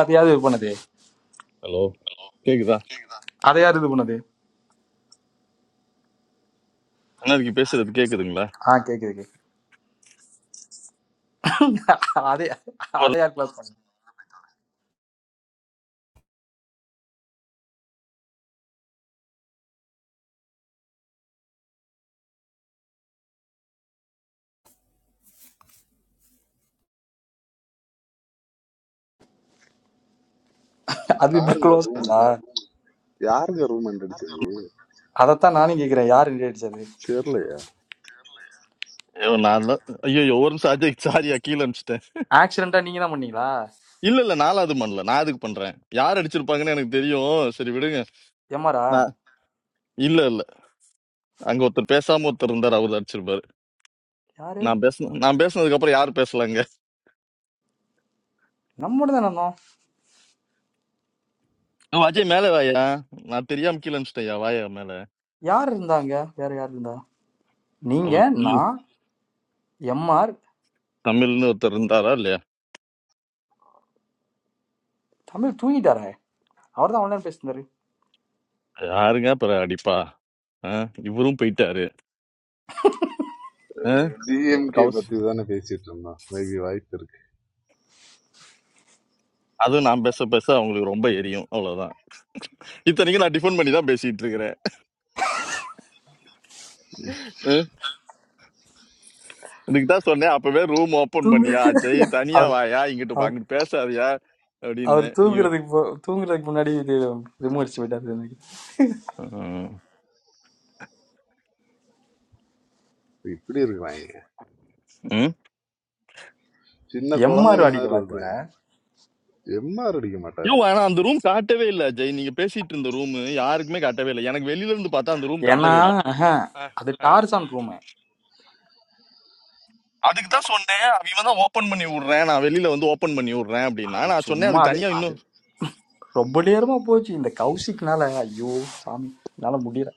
அது யாரு இது பண்ணது ஹலோ கேக்குதா அதை யார் இது பண்ணது அண்ணாருக்கு பேசுறது கேக்குதுங்களா ஆ கேக்குது கேக்குது அதே அதை ஒரு- யார் க்ளோஸ் பண்ணது அது இப்படி யாருங்க க்ளோஸ் ரூம் ஆயிடுச்சா யாருங்க ரூம் அடிச்சது அதைத்தான் நானும் கேக்குறேன் யார் ரெடி அடிச்சது தெரியலையா ஐயோ, நான் தான் ஐயோ ஒரு நிமிஷம் அஜய் சாரியா கீழே அனுப்பிச்சிட்டேன் ஆக்சிடென்ட்டா நீங்க தான் பண்ணீங்களா இல்ல இல்ல நாலாவது பண்ணல நான் அதுக்கு பண்றேன் யார் அடிச்சிருப்பாங்கன்னு எனக்கு தெரியும் சரி விடுங்க எம்ஆரா நான் இல்ல இல்ல அங்க ஒருத்தர் பேசாம ஒருத்தர் இருந்தார் அவர் அடிச்சிருப்பாரு யாரு நான் பேசணும் நான் பேசுனதுக்கு அப்புறம் யார் பேசலாங்க நம்மோட தான் இருந்தோம் ஓ, அஜய் மேல வாயா நான் தெரியாம கீழே அனுப்பிச்சிட்டேன் வாயா மேல யார் இருந்தாங்க வேற யார் இருந்தா நீங்க அவர் தமிழ் நான் எம்ஆர் தமிழ்னு ஒருத்தர் இருந்தாரா இல்லையா தமிழ் தூங்கிட்டாரே அவர் தான் ஆன்லைன் பேசினாரு யாருங்க அப்புறம் அடிப்பா ஆ, இவரும் போயிட்டாரு ஆ, டிஎம்கே கௌஸ் பத்தி தானே பேசிட்டு இருந்தோம் மேபி வாய்ப்பு இருக்கு அதுவும் நான் பேச பேச அவங்களுக்கு ரொம்ப எரியும் அவ்வளவுதான் இத்தனைக்கும் நான் டிஃபன் பண்ணி தான் பேசிட்டு இருக்கிறேன் அஹ், இதுக்கு தான் சொன்னேன் அப்பவே ரூம் ஓபன் தூங்கு பண்ணியா ஜெய் தனியா அவர் வாயா இங்கிட்டு பா- அவர் அங்கிட்டு பேசாதயா அவர் அப்படின்னு நீ தூங்குறதுக்கு போ- தூங்குறதுக்கு முன்னாடி இது ரிமோடிச்சு போயிட்டாரு எனக்கு அஹ், இப்படி இருக்கிறாங்க ம்? சின்ன குழந்தைங்க எம்ஆர் அடிக்க மாதிரி வாக்கில்ல இருக்கிறாங்க எம்ஆர் அடிக்க ஐயோ மாட்டாரு ஆனா அந்த ரூம் காட்டவே இல்லை ஜெய் நீங்க பேசிட்டு இருந்த ரூம் யாருக்குமே காட்டவே இல்லை எனக்கு வெளியில இருந்து பார்த்தா அந்த ரூம் ஏன்னா காட்டவே இல்லை ஆஹா, அஹ், அது அஹ். டார்சான் ரூம் அதுக்கு தான் சொன்னேன் அவன் இவன் தான் ஓபன் பண்ணி விடுறேன் நான் வெளியில வந்து ஓபன் பண்ணி விடுறேன் அப்படின்னா அது நான் சொன்னேன் சும்மா அதுக்கு அது தனியா அது இன்னும் ரொம்ப நேரமா போச்சு இந்த கௌசிக்னால ஐயோ சாமி என்னால முடியல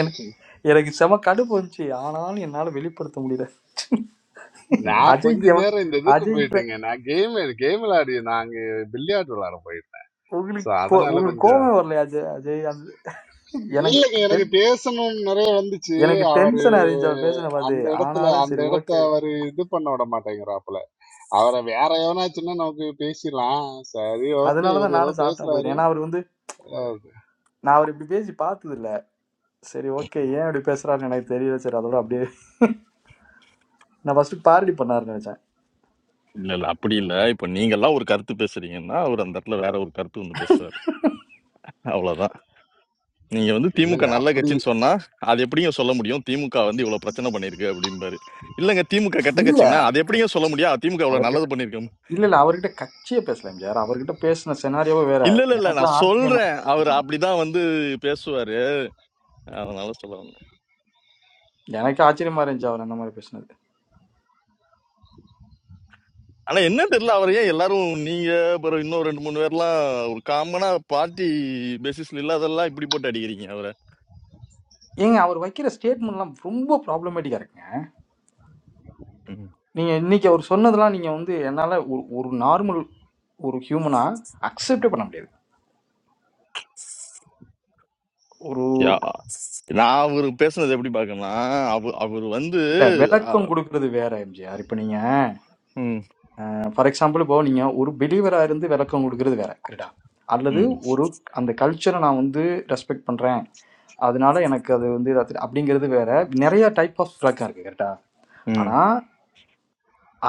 எனக்கு எனக்கு செம கடுப்பு வந்துச்சு ஆனாலும் என்னால வெளிப்படுத்த முடியல ம். நான் கொஞ்ச அஜய்க்கு எவன் நேரம் இந்த இதுக்கு அஜய்க்கு போயிட்டேங்க நான் கேம் கேம் விளையாடி நாங்க பில்லியார்டு விளையாட போயிட்டேன் சோ உங்களுக்கு கோ- அதனால உங்களுக்கு கொஞ்சம் கோபம் வரலையா அஜய் அஜய் அந்த இல்லைங்க எனக்கு எனக்கு டென் பேசணும் நிறைய வந்துச்சு எனக்கு அவரு டென்ஷன் அறிஞ்சு அவர் பேசின பார்த்து அந்த இடத்துல ஆனாலும் அந்த சரி இடத்த ஓகே அவரு இது பண்ண விட மாட்டேங்கிறாப்புல அவரை வேற எவனாச்சுன்னா நமக்கு பேசிடலாம் சரி ஓகே அதனால தான் இவர் ஏதோ நானும் சாப்பிட்டா பேசுறாரு போயிட்டேன் ஏன்னா அவர் வந்து ஓகே. நான் அவர் இப்படி பேசி பார்த்தது இல்ல சரி ஓகே ஏன் இப்படி பேசுறாருன்னு எனக்கு தெரியல சரி அதோட அப்படியே நான் ஃபர்ஸ்ட் பார்டி பண்ணாருன்னு நினைச்சேன் இல்ல இல்ல அப்படி இல்ல ம். இப்ப நீங்க எல்லாம் ஒரு கருத்து பேசுறீங்கன்னா அவர் அந்த இடத்துல வேற ஒரு கருத்து வந்து பேசுவாரு அவ்வளவுதான் நீங்க வந்து திமுக இல்லங்க. நல்ல அப்படி கட்சின்னு சொன்னா அது எப்படியும் சொல்ல முடியும் திமுக வந்து இவ்வளவு பிரச்சனை பண்ணிருக்கு அப்படிம்பாரு இல்லங்க திமுக கெட்ட இல்ல கட்சிங்கன்னா அது எப்படியும் சொல்ல முடியும் "ஆ, திமுக இவ்வளவு அவர்கிட்ட நல்லது பண்ணிருக்கோம் இல்ல இல்ல அவர்கிட்ட கட்சியே பேசல எம்ஜிஆர் அவர்கிட்ட பேசின செனாரியோவே வேற இல்ல இல்ல இல்ல நான் எனக்கெல்லாம் ஆச்சரியமா சொல்றேன் அவர் இருந்துச்சு. அப்படிதான் வந்து பேசுவாரு அதனால சொல்ல வந்தேன். எனக்கு ஆச்சரியமா இருந்துச்சு அவர் அந்த மாதிரி பேசினது ஆனா என்ன தெரியல அவர் ஏன் எல்லாரும் நீங்க அப்புறம் இன்னும் ரெண்டு மூணு பேர்லாம் ஒரு காமனா பார்ட்டி பேசிஸ்ல இல்லாதெல்லாம் இப்படி போட்டு அடிக்கிறீங்க அவரை ஏங்க அவர் வைக்கிற ஸ்டேட்மெண்ட்லாம் ரொம்ப ப்ராப்ளமேட்டிக்கா இருக்குங்க ம். நீங்க இன்னைக்கு அவர் சொன்னதெல்லாம் நீங்க வந்து என்னால ஒரு ஒரு நார்மல் ஒரு ஹியூமனா அக்செப்டே பண்ண முடியாது ஒரு யா நான் அவர் பேசுனது எப்படி பார்க்கணும்னா அவர் அவர் வந்து இல்ல அ, விளக்கம் கொடுக்கறது வேற எம்ஜிஆர் இப்ப நீங்க ம் ஃபார் எக்ஸாம்பிள் இப்போ நீங்க ஒரு பிலீவரா இருந்து விளக்கம் கொடுக்கறது வேற கரெக்டா அல்லது ம் ஒரு அந்த கல்ச்சரை நான் வந்து ரெஸ்பெக்ட் பண்றேன் அதனால எனக்கு அது வந்து இதாத்து- அப்படிங்கிறது வேற நிறைய டைப் ஆஃப் விளக்கம் இருக்கு கரெக்டா ம் ஆனா,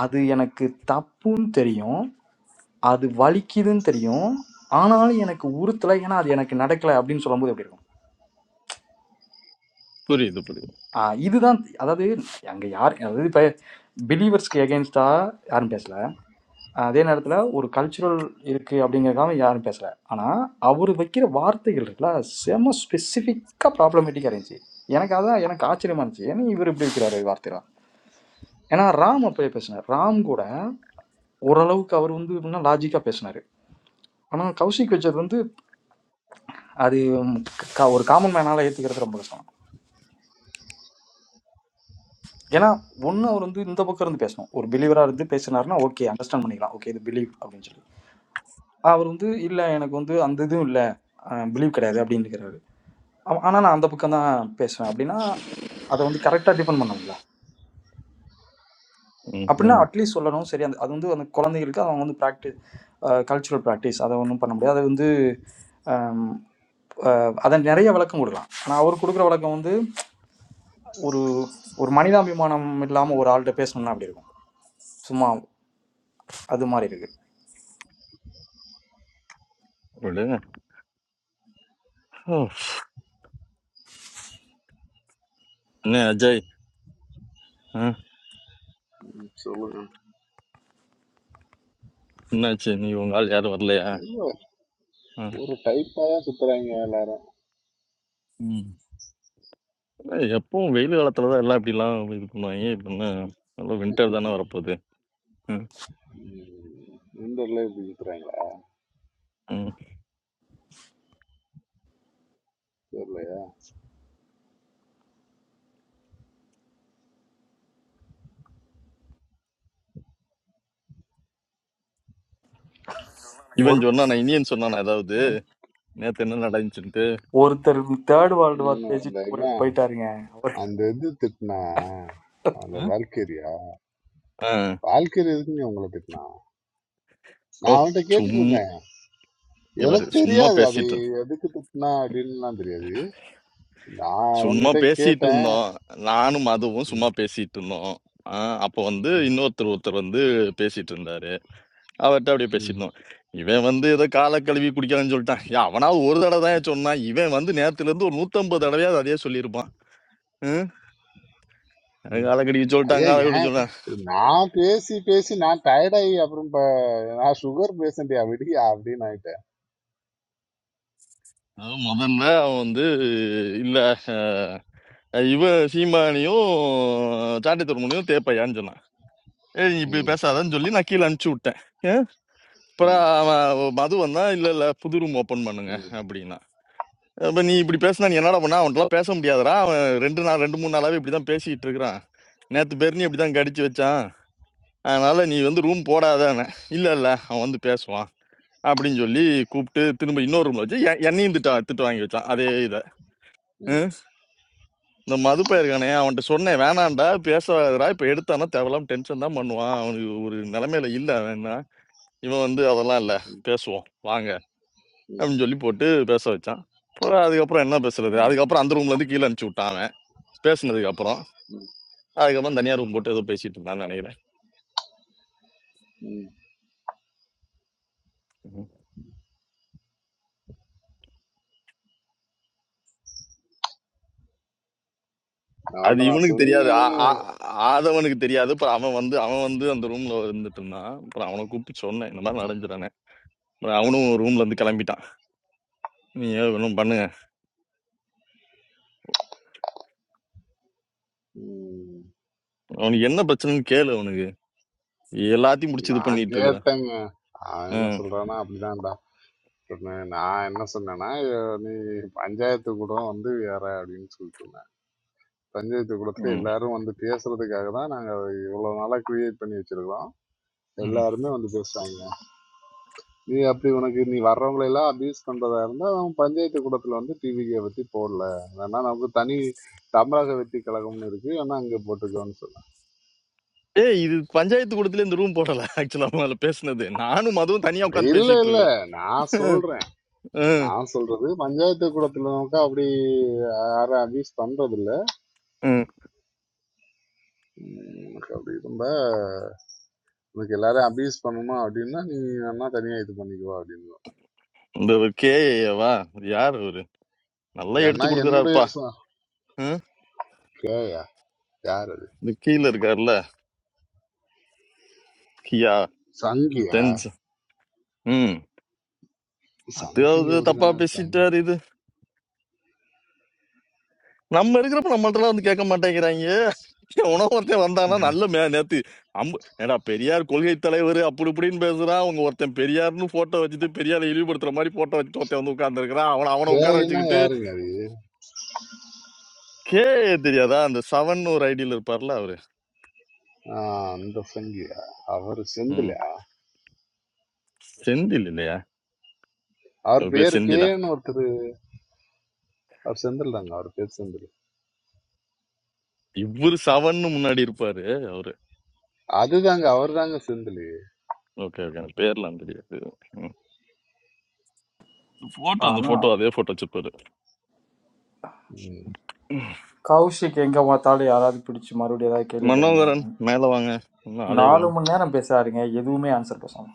அது எனக்கு தப்புன்னு தெரியும். அது வலிக்குதுன்னு தெரியும். ஆனாலும் எனக்கு உறுத்தல. ஏன்னா, அது எனக்கு நடக்கல அப்படின்னு சொல்லும்போது எப்படி இருக்கும்? புரியுது ஆ இதுதான் அதாவது அங்க யார் அதாவது இப்ப பிலீவர்ஸ்க்கு எகென்ஸ்டா யாரும் பேசல. அதே நேரத்துல ஒரு கல்ச்சுரல் இருக்கு அப்படிங்கறதுக்காக யாரும் பேசல. ஆனா, அவரு வைக்கிற வார்த்தைகள் இருக்குல்ல, செம ஸ்பெசிஃபிக்கா ப்ராப்ளமேட்டிக்கா இருந்துச்சு. எனக்கு அதான் எனக்கு ஆச்சரியமா இருந்துச்சு. ஏன்னா இவர் இப்படி வைக்கிறாரு வார்த்தைலாம். ஏன்னா ராம் அப்பயே பேசினார். ராம் கூட ஓரளவுக்கு அவர் வந்து எப்படின்னா லாஜிக்கா பேசினாரு. ஆனா கௌஷிக் வச்சது வந்து அது ம், க- ஒரு காமன் மேனால ஏத்துக்கிறது ரொம்ப கஷ்டம் ஏன்னா ஒண்ணு அவர் வந்து இந்த பக்கம் இருந்து பேசணும் ஒரு பிலீவரா இருந்து பேசினாருன்னா ஓகே அண்டர்ஸ்டாண்ட் பண்ணிக்கலாம் ஓகே இது பிலீவ் அப்படின்னு சொல்லி அவர் வந்து இல்ல எனக்கு வந்து அந்த இதுவும் இல்ல பிலீவ் கிடையாது அப்படின்னு இருக்கிறாரு ஆ- ஆனா நான் அந்த பக்கம் தான் பேசுவேன் அப்படின்னா அதை வந்து கரெக்டா டிஃபெண்ட் பண்ணணும்ல அப்படின்னா புரியுது அட்லீஸ்ட் சொல்லணும் சரி அந்த அது வந்து அந்த குழந்தைகளுக்கு அவங்க வந்து ப்ராக்டிஸ் கல்ச்சுரல் ப்ராக்டிஸ் அதை ஒன்றும் பண்ண முடியாது அது வந்து அதை நிறைய விளக்கம் கொடுக்கலாம் ஆனா அவர் கொடுக்குற விளக்கம் வந்து ஒரு ஒரு மனிதாபிமானம் இல்லாம ஒரு ஆள்கிட்ட பேசணும்னா அப்படி இருக்கும் சும்மா அது மாதிரி இருக்கு விடுங்க ஓ, என்ன அஜய் ஆ, ம். சொல்லுங்க. என்னாச்சு நீ உங்க ஆள் யாரும் வரலையா ஆ, ஒரு டைப்பா தான் சுத்துறாய்ங்க எல்லாரும். ம். இல்ல, எப்பவும் வெயில் காலத்துல தான் எல்லாம் இப்படிலாம் இது பண்ணுவாங்க இப்ப என்ன நல்லா வின்டர் தானே வரப்போகுது ம், ம். இந்ததுல இப்படி சுத்துறாய்ங்களா? ம். தெரியலையே. ஒரு இவன் சொன்னானா இனியன் சொன்னானா ஏதாவது நேத்து என்ன நடந்துச்சுன்ட்டு ஒருத்தர் தேர்ட் வேர்ல்டு வார் ம். அந்த பேசிட்டு போய்- இவன் போயிட்டாருங்க அவர் அந்த இது திட்டுனா, அந்த ஆ? வால்கெரியா? ஆ, வால்கெரி எதுக்குங்க உங்கள திட்டுனா? ஓ நான் அவன்ட்ட சும்மா கேட்டுட்டுருந்தேன். இங்க பாரு எனக்கு சும்மா தெரியாது. அது பேசிட்டு எதுக்கு திட்டுனா அப்படின்னுலாம் தெரியாது. நான் சும்மா அவன்கிட்ட பேசிட்டு கேட்டேன். இருந்தோம் நானும் அதுவும் ம். சும்மா பேசிட்டு இருந்தோம் ஆ, அப்ப வந்து ம். இன்னொருத்தர் ஒருத்தர் வந்து பேசிட்டு இருந்தாரு அவர்ட்ட அப்படியே ம். பேசியிருந்தோம். இவன் வந்து ஏதோ கால கழுவி குடிக்கிறான்னு சொல்லிட்டான். ஏன் அவனாவது ஒரு தடவ தான்யா சொன்னான். இவன் வந்து நேரத்துலருந்து ஒரு 150 தடவையாவது அதையே சொல்லியிருப்பான். ம். ம். கால கழுவி சொல்லிட்டான், ஐயா கால கழுவி ஏன் சொல்லிட்டான். நான் பேசி, பேசி நான் டயர்ட் ஆயி அப்புறம் ப நான் சுகர் பேஷண்ட்யா விடுயா அப்படின்னு ஆயிட்டேன். அதாவது முதல்ல அவன் வந்து இல்ல அ இவன் சீமானையும் சாண்டி துருமுனையும் தேப்பையான்னு சொன்னான். ஏய் நீ இப்படி ம். பேசாதன்னு சொல்லி நான் கீழ அனுப்பிச்சு விட்டேன். ஏன்? ம். அப்புறம் அவன் மது வந்தான், இல்ல இல்ல புது ரூம் ஓப்பன் பண்ணுங்க ம், அப்படின்னான். அப்ப நீ இப்படி பேசினா நீ என்னடா பண்ண அவன்கிட்டலாம் பேச முடியாதுடா அவன் ரெண்டு நாள் ரெண்டு மூணு நாளாவே இப்படிதான் பேசிட்டு இருக்கிறான் நேத்து பேர் நீ இப்படிதான் கடிச்சு வச்சான் அதனால நீ வந்து ரூம் போடாதானே இல்ல இல்ல அவன் வந்து பேசுவான் அப்படின்னு சொல்லி கூப்பிட்டு திரும்ப இன்னொரு ரூம்ல வச்சு எ- என்னையும் திட்ட திட்டு வாங்கி வச்சான் அதே இதை ஹம்? இந்த மதுப்பை இருக்கானே அவன்கிட்ட சொன்னேன் வேணாம்டா பேசாதடா இப்ப எடுத்தானா தேவையில்லாம டென்ஷன் தான் பண்ணுவான் அவனுக்கு ஒரு நிலைமையில இல்ல வேணா இவன் வந்து அதெல்லாம் இல்ல பேசுவோம் வாங்க அப்படின்னு சொல்லி போட்டு பேச வச்சான் அப்புறம் அதுக்கப்புறம் என்ன பேசுறது அதுக்கப்புறம் அந்த ரூம்ல இருந்து கீழே அனுப்பிச்சு விட்டான் அவன். பேசுனதுக்கு அப்புறம் அதுக்கப்புறம் தனியா ரூம் போட்டு ஏதோ பேசிட்டு இருந்தான்னு நினைக்கிறேன் ம்ஹும். அது அவன்கிட்ட நான் இவனுக்கு தெரியாது ஆ- சொன்னேன் ஆ- ஆதவனுக்கு தெரியாது அப்புறம் அவன் வந்து அவன் வந்து அந்த ரூம்ல இருந்துட்டு இருந்தான் அப்புறம் அவனை கூப்பிட்டு சொன்னேன் இந்த மாதிரி நடந்துட்டானே அப்புறம் அவனும் ரூம்ல இருந்து கிளம்பிட்டான் நீ ஒன்றும் பண்ணுங்க ம், அவனுக்கு என்ன பிரச்சனைன்னு கேளு அவனுக்கு எல்லாத்தையும் முடிச்சு இது நான் பண்ணிட்டு இருக்கிறான் கேட்டேங்க அவன் என்ன ம், சொல்றானா அப்படிதான்டா சொன்னேன் நான் என்ன சொன்னேன்னா "ஐயோ, நீ பஞ்சாயத்து கூடம் வந்து வேற அப்படின்னு சொல்லிட்டு இருந்தேன் பஞ்சாயத்து கூடத்துல ம், எல்லாரும் வந்து பேசுறதுக்காக தான் நாங்க அதை இவ்வளவு நாளா கிரியேட் பண்ணி வச்சிருக்கோம் ம். எல்லாருமே வந்து பேசுறாங்க நீ அப்படி உனக்கு நீ வர்றவங்களை எல்லாம் அபியூஸ் பண்றதா இருந்தா அவன் பஞ்சாயத்து கூடத்துல வந்து டிவிகே பத்தி போடல வேணா நமக்கு தனி தமிழக வெற்றி கழகம்னு இருக்கு ஆனா அங்க போட்டுக்கோன்னு சொன்னேன் ஏய் இது பஞ்சாயத்து கூடத்துல இந்த ரூம் போடல ஆக்சுவலா அவன் பேசுனது நானும் அதுவும் தனியா உட்காந்து இல்ல பேசிட்டு இல்ல இருக்கிறேன் நான் சொல்றேன் ம், நான் சொல்றது பஞ்சாயத்து கூடத்துல நமக்கு அப்படி யாரும் அபியூஸ் பண்றது இல்ல ம். உம் உனக்கு அப்படி ரொம்ப உனக்கு எல்லாரும் அபியூஸ் பண்ணணுமா அப்படின்னா நீ வேணா தனியா இது பண்ணிக்குவா அப்படின்னு இந்த கேஏவா யார் அவரு நல்லா ஏன்னா எடுத்து என்னுடைய கொடுக்குறாருப்பா ச- கேயா யார் அது இந்த கீழே இருக்காருல்ல கியா சங்கியா டென்ஸ் ம் சங்கி அதாவது தப்பா அப்படிதானே இருப்பாங்க பேசிட்டாரு இது நம்ம இருக்கிறப்ப நம்மள்ட்டலாம் வந்து கேட்க மாட்டேங்கிறாங்க உனக்கு ஒருத்தன் வந்தானா நல்ல மே நேத்து அம்பு ஏடா பெரியார் கொள்கை தலைவர் அப்படி இப்படின்னு பேசுறான் அவங்க ஒருத்தன் பெரியார்னு போட்டோ வச்சுட்டு பெரியாரை இழிவுபடுத்துற மாதிரி போட்டோ வச்சுட்டு ஒருத்தன் வந்து உட்கார்ந்துருக்கிறான் அவனை அவனை உட்கார கேனா வச்சுக்கிட்டு யாருங்க அது கே தெரியாதா அந்த செவன் ஒரு ஐடியில் இருப்பார்ல அவரு ஆஹ் அந்த சங்கியா அவர் ம் செந்திலா செந்தில் இல்லையா அவர் அவர் பேர் பேர் செந்திலா கேன்னு ஒருத்தர் அவர் செந்தில் தாங்க அவர் பேர் செந்தில் இவரு செவன் முன்னாடி இருப்பாரு அவரு அதுதாங்க அவர் தாங்க செந்தில் ஓகே ஓகே எனக்கு பேர்லாம் தெரியாது போட்டோ அந்த ஆனா போட்டோ அதே போட்டோ வச்சுப்பாரு கௌஷிக் எங்க பார்த்தாலும் யாராவது பிடிச்சு மறுபடியும் ஏதாவது கேள்வி கேளுங்க மனோகரன் மேல வாங்க இன்னும் ஆளே நாலு காணும் மணி நேரம் பேசாருங்க எதுவுமே ஆன்சர் பேசாம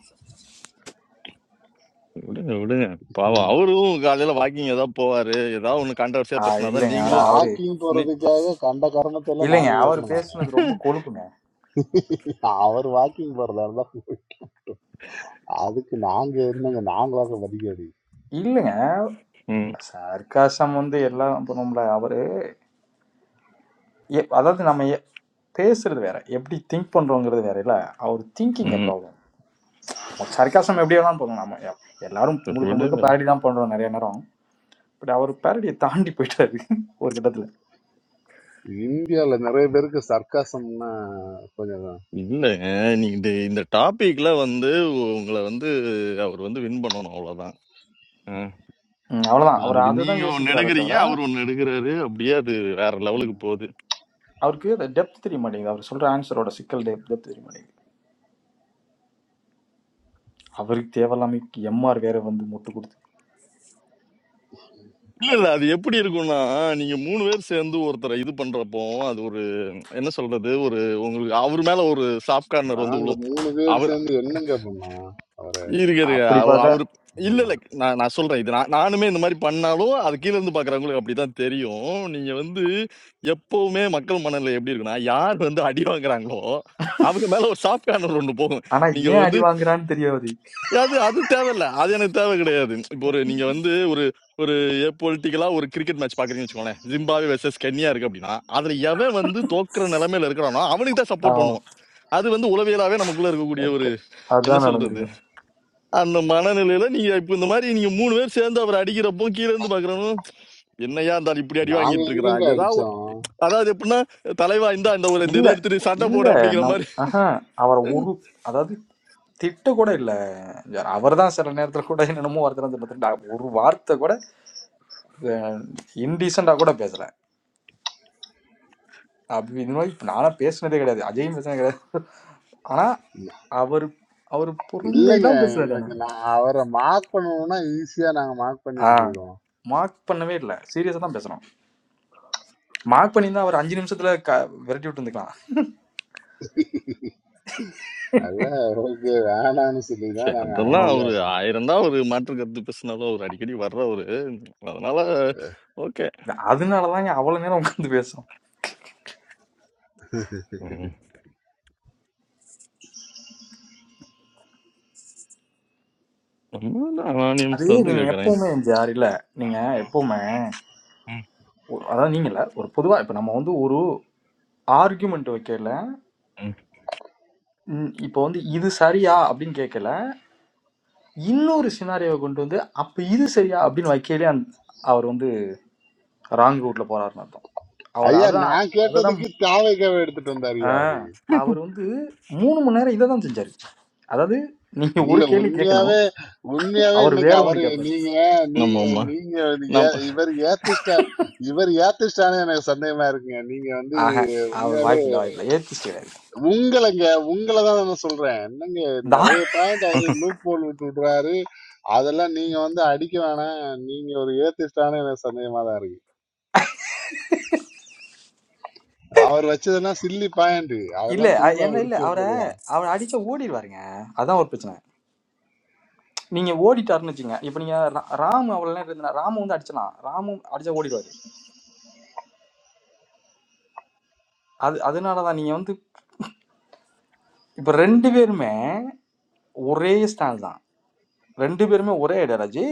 விடுங்க விடுங்க பாவம் அவரும் காலையில வாக்கிங் ஏதாவது போவாரு ஏதாவது ஒண்ணு கான்ட்ரவர்சியா ஆ பேசினாதான் இல்லைங்க ஆனா நீங்களும் அவரு வாக்கிங் நீ போறதுக்காக கண்ட கரணத்தை எல்லாம் இல்லைங்க நாங்க அவர் கேட்கணும் பேசுனது ரொம்ப கொழுப்புங்க அவர் வாக்கிங் போறதா இருந்தா போய். அதுக்கு நாங்க என்னங்க நாங்களாக வடிகேடி இல்லைங்க ம், சர்க்காசம் வந்து எல்லாம் பண்ணுவோம்ல அவரு எ- அதாவது நம்ம எ- பேசுறது வேற எப்படி திங்க் பண்றோங்கிறது வேற இல்ல அவர் திங்கிங் ம். ப்ராப்ளம் சர்க்காசம் எப்படி வேணாலும் பண்ணலாம் நம்ம எ- எல்லாரும் முழுக்க முழுக்க விடுங்க பேரடி தான் பண்றோம் நிறைய நேரம் பட் அவர் பேரடியை தாண்டி போயிட்டாரு ஒரு கட்டத்தில் இந்தியால நிறைய பேருக்கு சர்க்காசம்னா கொஞ்சம் தான். இல்ல நீங்க இந்த இந்த டாபிக்ல வந்து உங்களை வந்து அவர் வந்து வின் பண்ணணும் அவ்வளவுதான் ஆ. அவ்வளோதான் அவர் அதுக்கு அதை தான் நீங்க ஒன்னு யோசிக்கிறாரே எடுக்கிறீங்க தவிர அவர் ஒன்னு எடுக்கிறாரு அப்படியே அது வேற லெவலுக்கு ம், போகுது அவருக்கு அந்த டெப்த் தெரிய மாட்டேங்குது அவர் சொல்கிற ஆன்சரோட சிக்கல் டெப் டெப்த் தெரிய மாட்டேங்குது அவருக்கு தேவையில்லாம எம்ஆர் வேற வந்து முட்டு கொடுத்து இல்ல இல்ல அது எப்படி இருக்கும்னா நீங்க மூணு பேர் சேர்ந்து ஒருத்தரை இது பண்றப்போ அது ஒரு என்ன சொல்றது ஒரு உங்களுக்கு அவர் மேல ஒரு சாஃப்ட் கார்னர் வந்து நாங்க விழும் மூணு பேர் அவர் சேர்ந்து என்னங்க பண்ணோம் அவரை இருக்க இருக்க அப்படி அவ- பார்த்தா அவர் இல்ல நீங்க. இல்ல நான் நான் சொல்றேன் இது நான் நானுமே இந்த மாதிரி பண்ணாலும் அது கீழ இருந்து பாக்குறவங்களுக்கு அப்படிதான் தெரியும் நீங்க வந்து எப்பவுமே மக்கள் மனநிலை எப்படி இருக்குன்னா யார் வந்து அடி வாங்குறாங்களோ அவங்க மேல ஒரு சாஃப்ட் கார்னர் ஒன்று போகும் ஆனால் நீங்க ஏன் வந்து அடி வாங்குறான்னு தெரியாது அது அது தேவையில்ல அது எனக்கு தேவை கிடையாது இப்போ ஒரு நீங்க வந்து ஒரு ஒரு பொலிட்டிக்கலா ஒரு கிரிக்கெட் மேட்ச் பாக்குறீங்கன்னு வச்சுக்கோங்களேன் ஜிம்பாவே வெர்சஸ் கென்யா இருக்கு அப்படின்னா அதுல எவன் வந்து தோக்குற நிலைமையில இருக்கிறானோ அவனுக்கு தான் ஆ சப்போர்ட் பண்ணுவோம் அது வந்து உளவியலாவே நமக்குள்ள இருக்கக்கூடிய ஓகே ஒரு என்ன அதுதான் சொல்றது நடந்திருக்கும் அந்த மனநிலையில நீங்க இப்ப இந்த மாதிரி நீங்க மூணு பேர் சேர்ந்து அவர் அடிக்கிறப்போ கீழ இருந்து பாக்குறவனும் என்னையா இருந்தாலும் இப்படி அடி நாங்க வாங்கிட்டு இருக்கிறான் எங்கெங்க ஏதாவது அடிச்சோம் அதாவது எப்படின்னா தலைவா இந்தா இந்த ஒரு இந்த இதை இல்லை எடுத்துட்டு சண்டை போடு இல்லை அப்படிங்கிற மாதிரி நம் ஆஹா அவரை ஒரு அதாவது திட்ட கூட இல்லை அவர் தான் சில நேரத்தில் கூட என்னென்னமோ வார்த்தை ஒரு வார்த்தை கூட இன்டீசெண்டாக கூட பேசல அப்படி இந்த மாதிரி இப்ப நான்லாம் பேசுனதே கிடையாது அஜயும் பேசுனது கிடையாது ஆனா அவர் அவர் இல்லைங்க பொறுமையெல்லாம் பேசுறாரு ஆனா எங்களுக்கு நான் அவரை மார்க் பண்ணணும்னா ஈஸியா நாங்க மார்க் ஆ பண்ணிட்டு போயிடுவோம் மார்க் பண்ணவே இல்லை சீரியஸா தான் பேசுறோம் மார்க் பண்ணியிருந்தா அவர் அஞ்சு நிமிஷத்துல க விரட்டி விட்டு இருந்துக்கலாம் அல்ல ஓகே வேணாம்னு சொல்லி சரி தான் நாங்க ஆ. அதெல்லாம் அமைதியா அவரு உட்காந்தோம் ஆயிரம் தான் ஒரு மாற்று கருத்து பேசினாலும் அவர் அடிக்கடி வர்றவரு அதனால ஓகே அதனாலதான் இங்க அவ்வளவு நேரம் உட்காந்து பேசும் ம். நம்ம அது அனானியம்ஸ்ல வந்து நீங்க கேட்குறேன் எப்பவுமே ஜார் இல்ல நீங்க எப்பவுமே ஒரு- அதாவது நீங்க இல்ல ஒரு பொதுவா இப்ப நம்ம வந்து ஒரு ஆர்குமெண்ட் வைக்கல ம், இப்ப வந்து இது சரியா அப்படின்னு கேட்கல இன்னொரு சினாரியோவை கொண்டு வந்து அப்ப இது சரியா அப்படின்னு வைக்கலே அவர் வந்து ராங் ரூட்ல போறாருன்னு அர்த்தம் அவர் ஐயா அதான் நான் அததான் கேட்டதுக்கு தாவைக்காவை எடுத்துட்டு ஆ, வந்தாருயா அவரு அவர் வந்து மூணு மணி நேரம் இதை தான் செஞ்சாரு அதாவது நீங்க ஒரு இல்ல கேள்வி கேட்கணும் உண்மையாவே உண்மையாவே அவர் இன்னைக்கு வேற ஒண்ணு அவரு கேட்பாரு நீங்க நம்ம நீங்க அம்மா நீங்க வந்து ஏ- நம்ம இவர் ஏத்திஸ்டா இவர் ஏத்திஸ்டானே எனக்கு சந்தேகமா இருக்குங்க நீங்க வந்து ஆஹா அவர் உண்மையாவே வாய்ப்பு இல்ல வாய்ப்பு இல்ல ஏத்தி கிடையாது உங்களைங்க உங்களை தான் நான் சொல்றேன் என்னங்க தா- நிறைய பாயிண்ட் அவரு லூப் போல் விட்டு விடுறாரு அதெல்லாம் நீங்க வந்து அடிக்க வேணாம் நீங்க ஒரு ஏத்திஸ்டானே எனக்கு சந்தேகமா தான் இருக்கு அவர் வச்சதெல்லாம் சில்லி பாயிண்ட் இல்ல அதெல்லாம் அ- சிம்பிளா என்ன இல்ல முடிச்சு விடுறாரு. அவரை அவர் அடிச்சா ஓடிடுவாருங்க அதான் ஒரு பிரச்சனை நீங்க ஓடிட்டாருன்னு வச்சுங்க இப்ப நீங்க ரா- ராமு அவ்வளவு நேரம் இருந்தா ராமு வந்து அடிச்சலாம் ராமு அடிச்சா ஓடிடுவாரு அது அதனாலதான் நீங்க வந்து இப்ப ரெண்டு பேருமே ஒரே ஸ்டாண்ட் தான் ரெண்டு பேருமே ஒரே ஐடியாலஜி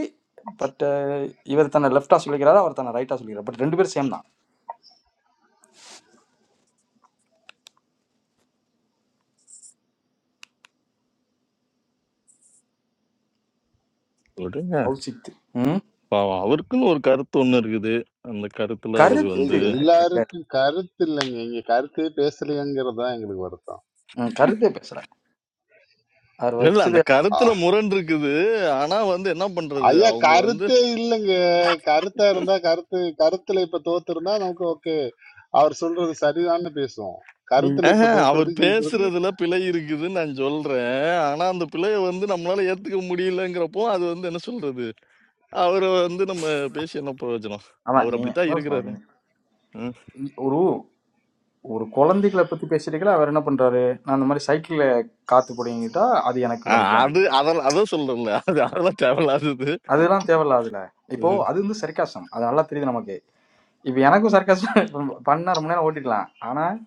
பட் இவர் தன்னை லெஃப்டா சொல்லிக்கிறாரு அவர் தன்னை ரைட்டா சொல்லிக்கிறார் பட் ரெண்டு பேரும் சேம் தான் விடுங்க கௌசித்து ம் பாவம் அவருக்குன்னு ஒரு கருத்து ஒன்று இருக்குது அந்த கருத்துல அவர் ஏய், கருத்து வந்து இல்லை இல்லை எல்லாருக்கும் கருத்து இல்லைங்க இங்க கருத்தே பேசலையங்கிறது தான் எங்களுக்கு வருத்தம் ம் கருத்தே பேசுகிறேன் அவர் இல்ல இல்ல அந்த வச்சது கருத்துல முரண் இருக்குது ஆனா வந்து என்ன பண்றது ஐயா அவங்க வந்து கருத்தே இல்லைங்க கருத்தா இருந்தா கருத்து கருத்துல இப்ப தோத்துருந்தா நமக்கு ஓகே அவர் சொல்றது சரிதான்னு பேசுவோம் நீ கருத்துல இப்ப "ஆஹா, அவர் தோக்குறது ஜெயிக்கிறது பேசுறதுல பிழை இருக்குதுன்னு நான் சொல்றேன் ஆனா அந்த பிழையை வந்து நம்மளால ஏத்துக்க முடியலங்கிறப்போ அது வந்து என்ன சொல்றது அவர வந்து நம்ம பேசி என்ன பிரயோஜனம்? அதான் அவரு நீ அப்படித்தான் அதான் இருக்கிறாரு. சொல்லுங்க ம். ஒரு ஒரு குழந்தைகளை பற்றி பேசுறீங்களா அவர் என்ன பண்ணுறாரு நான் இந்த மாதிரி சைக்கிளில் காற்று பிடிங்கிட்டா அது எனக்கு அ வலிக்கும் அது அப்படிங்கிறாரு அதெல்லாம் அதான் சொல்றேன்ல. அது அதெல்லாம் தேவையில்லாதது. அதெல்லாம் தேவையில்லாதுல ம். இப்போது அது வந்து சர்க்காசம் அது நல்லா தெரியுது நமக்கு இப்போ எனக்கும் சர்க்காசம் பண்ணால் ரொம்ப நேரம் ஓட்டிடலாம் ஆனால்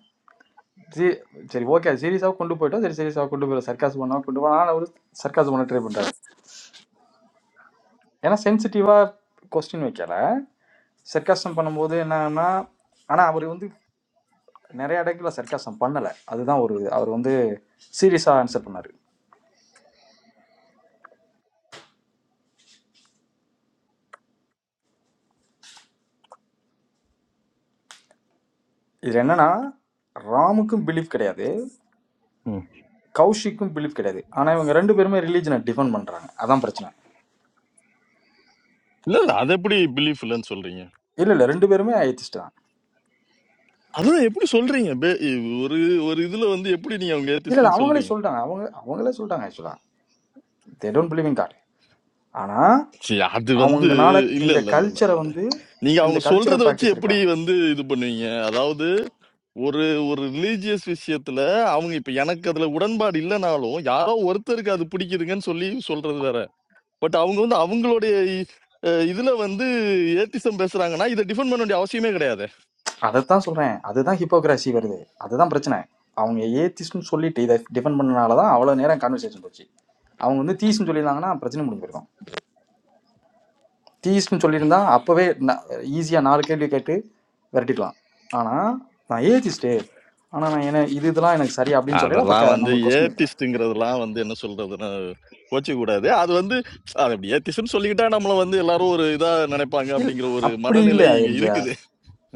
சரி சரி ஓகே சீரியஸாக கொண்டு போயிட்டோம் சரி சீரியஸாக கொண்டு போயிடும் சர்க்காசம் பண்ணா கொண்டு போனால் ஒரு சர்க்காசம் பண்ண ட்ரை பண்ணுறாரு ஏன்னா சென்சிட்டிவாக கொஸ்டின் வைக்கல சர்க்காசம் பண்ணும்போது என்னன்னா ஆனா அவர் வந்து நிறைய இடத்துல சர்க்காசம் பண்ணல அதுதான் ஒரு இது. அவர் வந்து சீரியஸா ஆன்சர் பண்ணாரு இதுல என்னன்னா ராமுக்கும் பிலீஃப் கிடையாது ம். கௌஷிக்கும் பிலீஃப் கிடையாது ஆனா இவங்க ரெண்டு பேருமே ரிலீஜனை டிஃபெண்ட் பண்றாங்க அதான் பிரச்சனை இல்ல, இல்ல. அது எப்படி பிலீஃப் இல்லன்னு சொல்றீங்க? இல்ல இல்ல ரெண்டு பேருமே ஐத்திஸ்ட் தான் அதுதான் எப்படி சொல்றீங்க? பே ஒரு ஒரு இதுல வந்து எப்படி நீங்க அவங்க இல்ல இல்ல ஏத்திஸ்ட்ன்னு அவங்களே சொல்றீங்க? சொல்லிட்டாங்க அவங்க அவங்களே சொல்லிட்டாங்க ஆக்சுவலா they don't believe in God ஆனா சரி, அது வந்து அவங்கனால இல்ல, இந்த இல்ல, இல்ல, இல்ல. கல்ச்சரை வந்து நீங்க இந்த அவங்க சொல்றத கல்ச்சுரல் வச்சு ப்ராக்டிஸ் இருக்குல்ல எப்படி வந்து இது பண்ணுவீங்க? அதாவது ஒரு ஒரு ரிலீஜியஸ் விஷயத்துல அவங்க இப்ப எனக்கு அதுல உடன்பாடு இல்லனாலும், யாரோ ஒருத்தருக்கு அது பிடிக்குதுங்கன்னு சொல்லி சொல்றது வேற. பட் அவங்க வந்து அவங்களுடைய அஹ், இதுல வந்து ஏத்திசம் பேசுறாங்கன்னா இதை டிஃபெண்ட் பண்ண வேண்டிய அவசியமே கிடையாது அதைத்தான் சொல்றேன் அதுதான் ஹிப்போக்ரஸி வருது அதுதான் பிரச்சனை அவங்க ஏத்திஸ்ட்னு சொல்லிட்டு இதை டிஃபெண்ட் பண்ணனால தான் அவ்வளோ நேரம் கான்வர்சேஷன் போச்சு அவங்க வந்து தீஸ்னு சொல்லியிருந்தாங்கன்னா பிரச்சனை முடிஞ்சு போயிருக்கும் தீஸ்னு சொல்லியிருந்தா அப்போவே ஈஸியாக நாலு கேள்வி கேட்டு விரட்டிடலாம் ஆனால் நான் ஏத்திஸ்ட்டு ஆனால் நான் என்ன இது இதெல்லாம் எனக்கு சரி அப்படின்னு சொல்லல அப்போ அதெல்லாம் வந்து நம்மளுக்கு கொஸ்டின் வைக்கல ஏத்திஸ்ட்ங்கிறதெல்லாம் வந்து என்ன சொல்றதுன்னு கோச்சிக்க கூடாது அது வந்து அது அப்படி ஏத்திசம் சொல்லிக்கிட்டா நம்மள வந்து எல்லாரும் ஒரு இதா நினைப்பாங்க இல்லை அப்படிங்கிற ஒரு அப்படி இல்லை மனநிலை இங்க எம்ஜிஆர் இருக்குது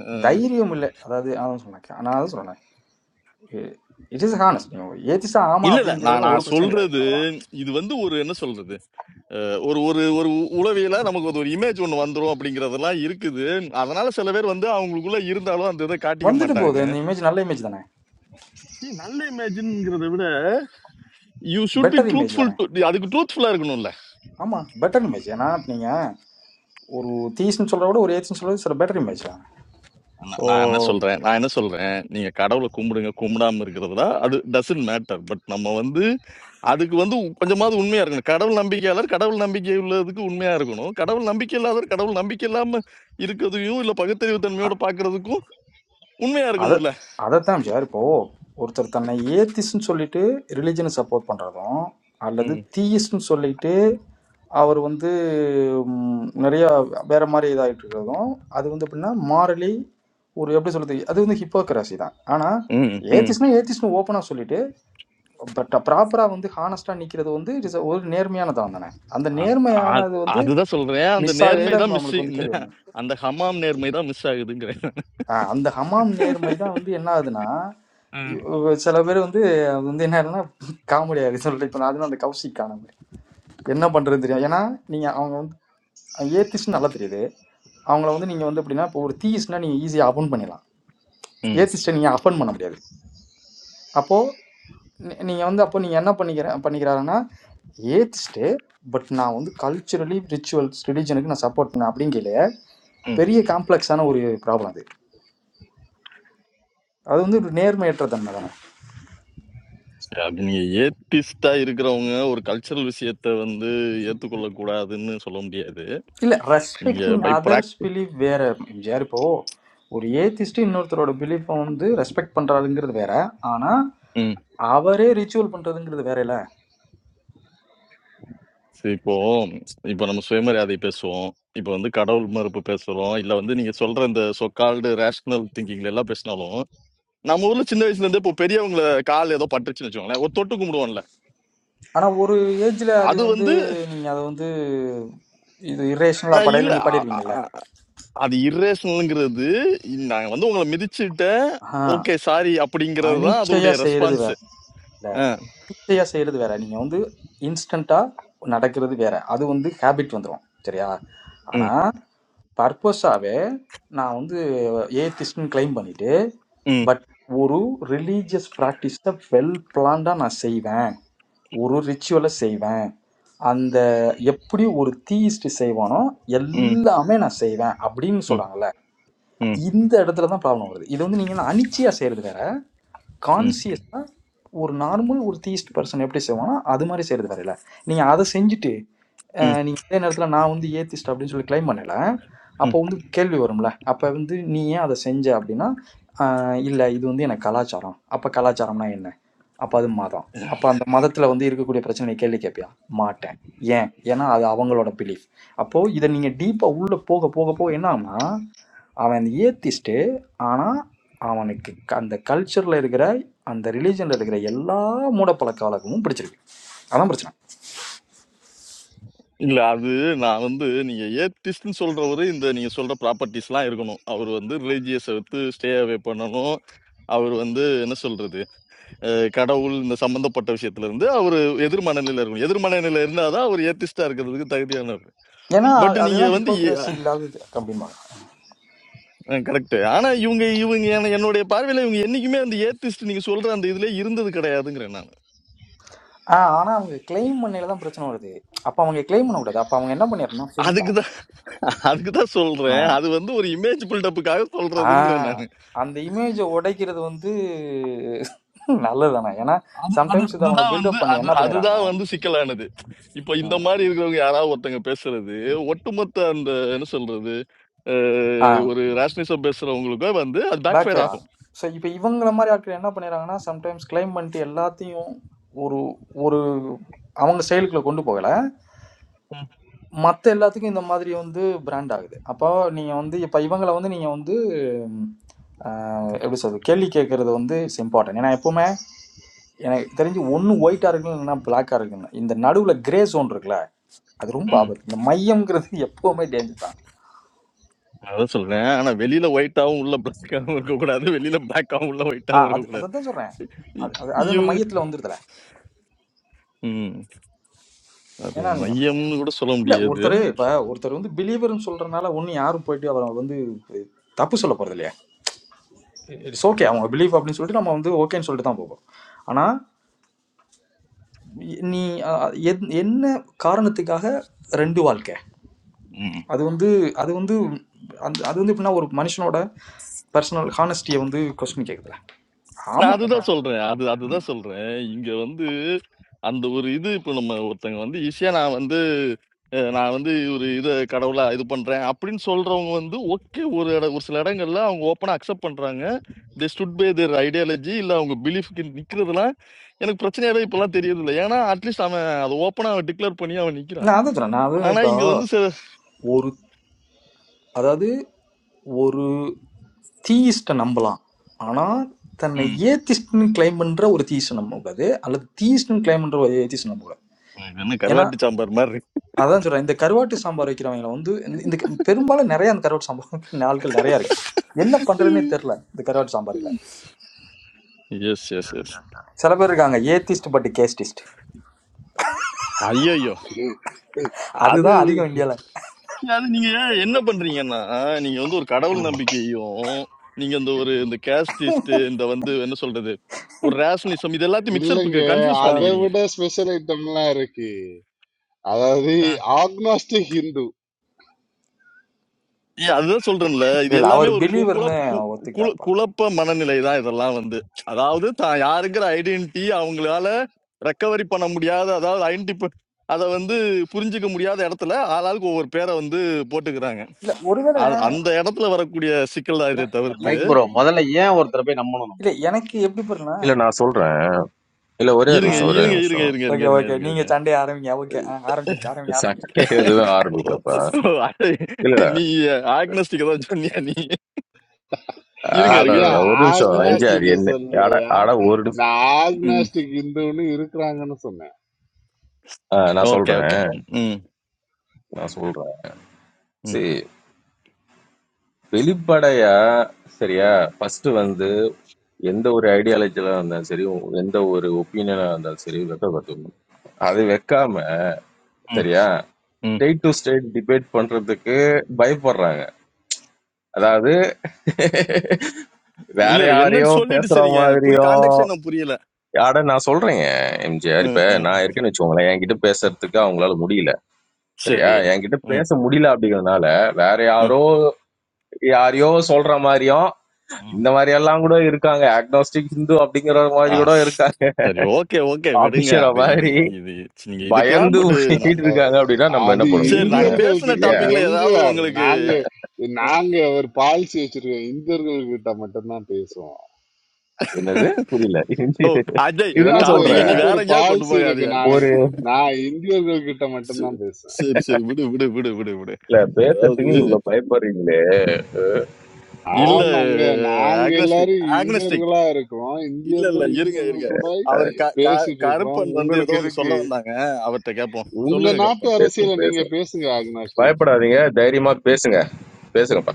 அஹ், தைரியம் இல்லை அதாவது அதான் சொன்னேன் நான் அதான் சொன்னேன் இட் இஸ் ஹானஸ்ட் ஏத்திஸ்டா ஆமா இல்ல இல்ல நான் அப்படிங்கிறதுல ஒரு நான் பிரச்சனை கிடையாது சொல்றது அவ்வளோதான் இது வந்து ஒரு என்ன சொல்றது அஹ், ஒரு ஒரு ஒரு உளவியல நமக்கு ஒரு இமேஜ் ஒன்று வந்துரும் அப்படிங்கறதெல்லாம் இருக்குது அதனால சில பேர் வந்து அவங்களுக்குள்ள இருந்தாலும் அந்த இதை காட்டிக்க வந்துட்டு மாட்டாங்க போகுது இந்த இமேஜ் நல்ல இமேஜ் தானே ஏய், நல்ல இமேஜ்ங்கிறத விட you should be better image truthful தானே டு அதுக்கு ட்ரூத்ஃபுல்லா இருக்கணும்ல ஆமாம் பெட்டர் இமேஜ் ஏன்னா நீங்கள் ஒரு தீஸ்னு சொல்கிறத விட ஒரு ஏத்துன்னு சொல்கிறது சில பெட்டர் இமேஜ் தானே ஸோ நான் நான் என்ன சொல்றேன் நான் என்ன சொல்றேன் நீங்க கடவுளை கும்பிடுங்க கும்பிடாம இருக்கிறதுலாம் அது டசன்ட் மேட்டர் பட் நம்ம வந்து அதுக்கு வந்து கொஞ்சமாவது உண்மையா இருக்கணும் கடவுள் நம்பிக்கையாளர் கடவுள் நம்பிக்கை உள்ளதுக்கு உண்மையா இருக்கணும் கடவுள் நம்பிக்கை இல்லாதவர் கடவுள் நம்பிக்கை இல்லாம இருக்கிறதையும் இல்ல பகுத்தறிவு தன்மையோட பாக்குறதுக்கும் உண்மையா அதை இருக்கணும்ல அதைத்தான் சார் இப்போது ஒருத்தர் தன்னை ஏத்திஸ்ன்னு சொல்லிட்டு ரிலிஜனை சப்போர்ட் பண்ணுறதும் அல்லது ம், தீயிஸ்ட்னு சொல்லிட்டு அவர் வந்து ம், நிறைய வேற மாதிரி இதாகிட்டு இருக்கிறதும் அது வந்து எப்படின்னா மாரலி ஒரு எப்படி சொல்றது அது வந்து ஹிப்போக்ரஸி தான் ஆனால் ம், ம். ஏத்திஸ்னா ஏத்திஸ்னு ஓப்பனாக சொல்லிட்டு பட் ப்ராப்பரா வந்து ஹானஸ்டா நிக்கிறது வந்து it is a- ஒரு நேர்மையானதான் தானே அந்த அ- அ- நேர்மையானது வந்து அதுதான் சொல்றேன் அந்த மிஸ் நேர்மை ஆகையில தான் மிஸ் நம்மளுக்கு வந்து கேள்வி வரும் அந்த ஹமாம் நேர்மை தான் மிஸ் ஆகுதுங்கிறேன் ஆஹ் அந்த ஹமாம் நேர்மை தான் வந்து என்ன ஆகுதுன்னா ம், இவ்- சில பேர் வந்து அது வந்து என்ன ஆகுதுன்னா காமெடி ஆகுது சொல்லிட்டு இப்போ அதுதான் அந்த கௌஷிக் காணாம என்ன பண்றது தெரியும் ஏன்னா நீங்க அவங்க வந்து ஏத்திஸ்ட் நல்லா தெரியுது அவங்கள வந்து நீங்க வந்து எப்படின்னா இப்போ ஒரு தீஸ்னா நீங்க ஈஸியா அபன் பண்ணிடலாம் ம், ஏத்திஸ்ட நீங்க அஃபன் பண்ண முடியாது அப்போ நீ நீங்க வந்து அப்போ நீங்க என்ன பண்ணிக்கிற பண்ணிக்கிறாருன்னா ஏத்திஸ்ட்டு பட் நான் வந்து கல்ச்சுரலி ரிச்சுவல்ஸ் ரிலிஜனுக்கு நான் சப்போர்ட் பண்ணேன் அப்படிங்கல பெரிய காம்ப்ளெக்ஸான ஒரு ப்ராப்ளம் அது அது வந்து ஒரு நேர்மையற்ற தன்மை தானே அப்படி நீங்க ஏத்திஸ்டா இருக்கிறவங்க ஒரு கல்ச்சரல் விஷயத்த வந்து ஏத்துக்கொள்ள கூடாதுன்னு சொல்ல முடியாது இல்லை நீங்க ரெஸ்பெக்டிங் பை அதர்ஸ் ப்ராக்டி பிலீஃப் வேற எம்ஜிஆர் இப்போ ஒரு ஏத்திஸ்ட்டு இன்னொருத்தரோட பிலீஃபை வந்து ரெஸ்பெக்ட் பண்றாருங்கிறது வேற ஆனா ம் அவரே ரிச்சுவல் பண்றதுங்கிறது வேற இல்ல சரி, இப்போ இப்போ நம்ம சுயமரியாதை பேசுவோம் இப்போ வந்து கடவுள் மறுப்பு பேசுறோம் இல்ல வந்து நீங்க சொல்ற இந்த சொக்கால்டு ரேஷனல் திங்கிங்ல எல்லாம் பேசினாலும் நம்ம ஊர்ல சின்ன வயசுல இருந்தே இப்போ பெரியவங்கள கால் ஏதோ பட்டுச்சுன்னு வச்சுக்கோங்களேன் ஒரு தொட்டு கும்பிடுவோம்ல ஆனா ஒரு ஏஜ்ல அது அது வந்து வந்து நீங்க அதை வந்து இது இரேஷனலா அஹ், படையில இல்ல அ- அ- நிப்பாட்டிடுவீங்கல்ல அ- அது இரேஷனல்ங்கிறது நாங்க வந்து உங்களை மிதிச்சுட்ட ஆஹ் ஓகே சாரி அப்படிங்கிறது தான் அதோடைய அனிச்சையா செய்யறது ரெஸ்பான்ஸ் வேற ஈஸியா செய்யறது வேற நீங்க வந்து இன்ஸ்டன்டா நடக்கிறது வேற அது வந்து ஹேபிட் வந்துடும் சரியா ஆனா பர்பஸாவே நான் வந்து ஏத்திஸ்ட்னு கிளைம் பண்ணிட்டு ம், பட் ஒரு ரிலீஜியஸ் ப்ராக்டிஸை வெல் பிளான்டா நான் செய்வேன் ஒரு ரிச்சுவலை செய்வேன் அந்த எப்படி ஒரு தீயிஸ்ட் செய்வானோ ம், எல்லாமே நான் செய்வேன் அப்படின்னு ம், சொல்றாங்கல்ல ம், இந்த இடத்துல தான் ப்ராப்ளம் வருது இது வந்து நீங்க அனிச்சையா செய்யறது வேற ம், கான்சியஸா ஒரு நார்மல் ஒரு தீஸ்ட் பர்சன் எப்படி செய்வானோ அது மாதிரி செய்யறது வரையில நீங்க அதை செஞ்சுட்டு ம், அஹ், நீங்க அதே நேரத்துல நான் வந்து ஏத்திஸ்ட் அப்படின்னு சொல்லி கிளைம் பண்ணல அப்போ ம். வந்து கேள்வி வரும்ல அப்ப வந்து நீ ஏன் அதை செஞ்ச அப்படின்னா அஹ், இல்ல இது வந்து எனக்கு கலாச்சாரம் அப்ப கலாச்சாரம்னா என்ன அப்ப அது மதம் அப்ப அந்த மதத்துல வந்து இருக்கக்கூடிய பிரச்சனை நீ கேள்வி கேட்பியா மாட்டேன் ஏன் ஏன்னா அது அவங்களோட பிலீஃப் அப்போ இதை நீங்க டீப்பா உள்ள போக போக போக என்ன ஆகும்னா அவன் ஏத்திஸ்ட்டு ஆனால் அவனுக்கு க- அந்த கல்ச்சரில் இருக்கிற அந்த ரிலீஜனில் இருக்கிற எல்லா மூடப்பழக்க வழக்கமும் பிடிச்சிருக்கு அதான் பிரச்சனை இல்ல அது நான் வந்து நீங்க ஏத்திஸ்ட்னு சொல்றவரு இந்த நீங்க சொல்ற ப்ராப்பர்ட்டிஸ்லாம் இருக்கணும். அவர் வந்து ரிலிஜியஸ விட்டு ஸ்டே அவே பண்ணணும். அவர் வந்து என்ன சொல்றது? அஹ், கடவுள் இந்த சம்பந்தப்பட்ட விஷயத்துல இருந்து அவர் எதிர்மனநிலையில இருக்கணும். எதிர்மனநிலை இருந்தாதான் அவர் ஏத்திஸ்டா இருக்கிறதுக்கு தகுதியானவர். ஏன்னா பட் அ- நீங்க அதுதான் வந்து ஹிப்போக்ரஸி இல்லாதது அப்படிம்பாங்க கரெக்ட். ஆனா இவங்க இவங்க என்ன- என்னுடைய பார்வையில இவங்க என்னைக்குமே அந்த ஏத்திஸ்ட் நீங்க சொல்ற அந்த இதுல இருந்தது கிடையாதுங்கிறேன் நான். ஆ ஆனால் அவங்க கிளைம் பண்ணையில தான் பிரச்சனை வருது அப்போ அவங்க கிளைம் பண்ணக்கூடாது அப்போ அவங்க என்ன பண்ணிடணும் சிம்பிளா அதுக்கு அதுக்கு தான் ஆ சொல்றேன் அது வந்து ஒரு இமேஜ் பில்டப்புக்காக ஆ சொல்றதுங்கிறேன் நான் அந்த இமேஜை உடைக்கிறது வந்து நல்லதுதானே ஏன்னா அது அது சம்டைம்ஸ் இதை அவங்க அதுதான் வந்து பில்டப் பண்ணி அது என்ன அதுதான் பண்ணிடுறாங்கன்னா வந்து சிக்கலானது இப்போ இந்த ம். மாதிரி இருக்கிறவங்க யாராவது ஒருத்தங்க பேசுறது ஒட்டுமொத்த அந்த என்ன சொல்றது ஆ அஹ், ஒரு ரேஷனிசம் பேசுறவங்களுக்கோ வந்து அது பேக் பேக் ஃபயர் ஃபயர் ஆகும் ஆகும் ஸோ இப்போ இவங்கள மாதிரி ஆட்கள் என்ன பண்ணிடுறாங்கன்னா சம்டைம்ஸ் கிளைம் பண்ணிட்டு எல்லாத்தையும் ஒரு ஒரு அவங்க செயலுக்குள்ள கொண்டு போகலை ம், மற்ற எல்லாத்துக்கும் இந்த மாதிரி வந்து பிராண்ட் ஆகுது அப்போ நீங்கள் வந்து இப்போ இவங்களை வந்து நீங்கள் வந்து ம், ஆஹ், எப்படி சொல்றது கேள்வி கேட்கறது வந்து இட்ஸ் இம்பார்ட்டன்ட் ஏன்னா எப்பவுமே எனக்கு தெரிஞ்சு ஒன்று ஒயிட்டாக இருக்குன்னு இல்லைன்னா பிளாக்காக இருக்குன்னு இந்த நடுவில் கிரே சோன் இருக்குல்ல அது ரொம்ப ம். ஆபத்து இந்த மையம்ங்கிறது எப்பவுமே டேஞ்சர் தான் நான் அதான் சொல்றேன் ஆனா வெளியில ஒயிட்டாவும் உள்ள பிளாக்காவும் இருக்க கூடாது வெளியில பிளாக்காவும் உள்ள ஆ ஒயிட்டாவும் அது இருக்க அதை கூடாது தான் சொல்கிறேன் இ- அது அது அது அந்த இவங்க மையத்தில் வந்துருதுல ம், அது ஏன்னா நீங்கள் மையம்னு கூட சொல்ல இல்ல முடியாது ஒருத்தர் இப்ப ஒருத்தர் வந்து பிலீவர்னு சொல்றனால ஒண்ணு யாரும் போயிட்டு அவரை வந்து தப்பு சொல்ல போறது இல்லையா இட்ஸ் ஓகே அவங்க பிலீவ் அப்படின்னு சொல்லிட்டு நம்ம வந்து ஓகேன்னு சொல்லிட்டு தான் போவோம் ஆனா நீ அஹ், எத்- என்ன காரணத்துக்காக ரெண்டு வாழ்க்கை ம். அது வந்து அது வந்து அந்த அது வந்து எப்படின்னா ஒரு மனுஷனோட பர்சனல் ஹானஸ்டியை வந்து கொஸ்டின் கேட்குதுல நான் ஆமா இப்போ அதுதான் சொல்றேன் அது அதுதான் சொல்றேன் இங்க வந்து அந்த ஒரு இது இப்போ நம்ம ஒருத்தங்க வந்து ஈஸியா நான் வந்து அஹ், நான் வந்து ஒரு இதை கடவுளா இது பண்றேன் அப்படின்னு சொல்றவங்க வந்து ஓகே ஒரு இட ஒரு சில இடங்கள்ல அவங்க ஓப்பனா அக்செப்ட் பண்றாங்க they stood by their ideology இல்ல அவங்க பிலீஃப்க்கு நிக்கிறதுலாம் எனக்கு பிரச்சனையாவே இப்பெல்லாம் தெரியறது இல்லை ஏன்னா அட்லீஸ்ட் அவன் அதை ஓப்பனா அவன் டிக்ளேர் பண்ணி அவன் நிக்கிறான் நான் அதை சொல்றேன் நான் அது ஆனா இப்போ இங்க வந்து சில ஒரு அதாவது ஒரு தீயிஸ்ட்டை நம்பலாம் ஆனால் தன்னை ம், ஏத்திஸ்ட்னு கிளைம் பண்ணுற ஒரு தீயிஸ்ட்டை நம்பக்கூடாது அல்லது தீயிஸ்ட்னு கிளைம் பண்ணுற ஒரு ஏத்திஸ்ட் நம்பக்கூடாது இது என்ன ஏன்னா கருவாட்டு சாம்பார் மாதிரி அதான் சொல்கிறேன் இந்த கருவாட்டு சாம்பார் வைக்கிறவங்கள வந்து இந்த இந்த க- பெரும்பாலும் நிறைய அந்த கருவாட்டு சாம்பார் வைக்கிற ஆட்கள் நிறையா இருக்கு என்ன பண்ணுறதுன்னே தெரில இந்த கருவாட்டு சாம்பாரில் எஸ் எஸ் எஸ் சில பேர் இருக்காங்க ஏத்திஸ்ட் பட் கேஸ்டிஸ்ட் ஐயோ அது அதுதான் அதிகம் இந்தியாவில் அது நீங்க ஏன் என்ன பண்றீங்கன்னா நீங்க வந்து ஒரு கடவுள் நம்பிக்கையும் நீங்க இந்த ஒரு இந்த கேஸ்டிஸ்ட் இந்த வந்து என்ன சொல்றது ஒரு ரேஷனலிசம் இது எல்லாத்தையும் இல்லைங்க மிக்சர் கன்ஃபியூஸ் அதை இல்லை பண்ணிக்கிறீங்க விட ஸ்பெஷல் ஐட்டம்லாம் இருக்கு அதாவது ஆக்னாஸ்டிக் ஹிந்து ஏன் அதுதான் சொல்றேன்ல இது இல்லை அவர் எல்லாமே ஒரு கு- பிலீவர்னு குழப்ப கு- கு- ஒத்துக்கிட்டாருப்பா குழப்ப மனநிலை தான் இதெல்லாம் வந்து அதாவது தான் யாருங்கிற ஐடென்டிட்டி அவங்களால ரெக்கவரி பண்ண முடியாத அதாவது ஐடென்டி அதை வந்து புரிஞ்சுக்க முடியாத இடத்துல ஆளாளுக்கு ஒவ்வொரு பேரை வந்து போட்டுக்கிறாங்க இல்லை ஒருவேளை அ- அந்த இடத்துல வரக்கூடிய சிக்கல் தான் இதை என- இல்ல தவிர்த்து மைக் என- ப்ரோ முதல்ல ஏன் ஒருத்தரை போய் நம்பணும் நம்ம இல்லை எனக்கு எப்படி இல்ல பாருன்னா நான் சொல்றேன் இல்ல ஒரே ஒரு இருங்க நிமிஷம் ஒரே ஒரு இருங்க இருங்க நிமிஷம் இருங்க ஓகே இருங்க இருங்க ஓகே இருங்க நீங்க இருங்க சண்டைய ஆரம்பிங்க ஓகே ஆரம்பிச்சிருச்சு ஆரம்பிங்க ஆரம்பிங்க சண்டை எதுவும் ஓ, ஆரம்பிக்கலப்பா ஓ, அடே, இல்ல இல்ல நீ ஆக்னஸ்டிக் ஏதாவது சொன்னியா நீ இருங்க ஆட இருங்க ஐயா இருங்க ஒரு நிமிஷம் ஐ, எம்ஜிஆர் ஆக்னாஸ்டிக் என்ன ஆட சொல்லலையா ஆட ஒரு நிமிஷம் நான் ம் ஆக்னாஸ்டிக் ஹிந்துன்னு இருக்கிறாங்கன்னு சொன்னேன் ஆ, நான் ஓகே சொல்றேன் ஓகே ம் நான் சொல்றேன் ம் சரி வெளிப்படையா சரியா ஃபர்ஸ்ட் வந்து எந்த ஒரு ஐடியாலஜில இருந்தாலும் சரி எந்த ஒரு ஒப்பீனியனா இருந்தாலும் சரி வெக்கப்படுத்தணும் அது வைக்காம ம் சரியா ம் ஸ்டேட் டு ஸ்டேட் டிபேட் பண்றதுக்கு பயப்படுறாங்க அதாவது வேற இல்ல இல்ல யாரையோ என்னன்னு சொல்லிட்டு பேசுற சரிங்க எனக்கு புரிய மாதிரியும் கான்டாக்ட் எனக்கு புரியல அட நான் சொல்றேங்க எம்ஜிஆர். இப்ப ம் ம் நான் ம். இருக்கேன்னு வச்சுக்கோங்களேன், என்கிட்ட ஆ, பேசறதுக்கு அவங்களால முடியல. சரியா? சரி என்கிட்ட ம் பேச முடியல அப்படிங்கிறதுனால, வேற ம் யாரோ யாரையோ சொல்ற மாரியும், ம். இந்த மாரியெல்லாம் கூட இருக்காங்க. அக்னாஸ்டிக் ஹிந்து அப்படிங்கிற மாரி ஆ கூட ஸ்- இருக்காங்க. சரி ஓகே ஓகே விடுங்க அப்படிங்கிற அது இது மாரி இது நீங்க இதுக்கெல்லாம் பயந்து பட்டு போயிட்டு இருக்காங்க அப்படின்னா, நம்ம என்ன அது பண்ண சரி முடியும் நாங்க சொல்லுங்க? இந்தியர்கள் பேசின கிட்ட இல்லையா? டாபிக்ல ஏதாவது எம்ஜிஆர் உங்களுக்கு நாங்க நாங்க ஒரு பாலிசி வச்சிருக்கோம் இந்தியர்கள் கிட்ட மட்டும்தான் பேசுவோம் என்னது? புரியல. ஓ அஜய் இதுதான் எனக்கு டாபிக் சொல்றேன். நீ எனக்கு வேற ஒரு எங்கேயாவது கொண்டு பாலிசி இருக்கு போகாதியா நான் ஒரு நான் இந்தியர்கள் கிட்ட சரி மட்டும்தான் பேசுவேன் சரி சரி, விடு விடு விடு விடு விடு இல்ல அதாவது பேசுறதுக்கு இவ்வளவு பயப்படுறீங்களே, இல்ல ஆமாங்க நாங்க ஆக்னஸ்டிக் எல்லாரும் ஆக்னஸ்டிக் இந்தியர்களா இருக்கோம் இல்ல இல்ல இந்தியர்கள் இருங்க இருங்க இந்தியர்கள் கூட அவர் க- க- பேசிட்டு இருக்கிறோம் கருப்பன் வந்து ஏதோ உங்களுக்கு ஒண்ணு எதுக்கு சொல்ல வந்தாங்க அவர்ட்ட கேட்போம் உங்க சொல்லுங்க நாட்டு கருப்பன் பேசுங்க, அரசியல நீங்க பேசுங்க. பேசுங்க ஆக்னாஸ்டிக் பயப்படாதீங்க. தைரியமா பேசுங்க. பேசுங்க.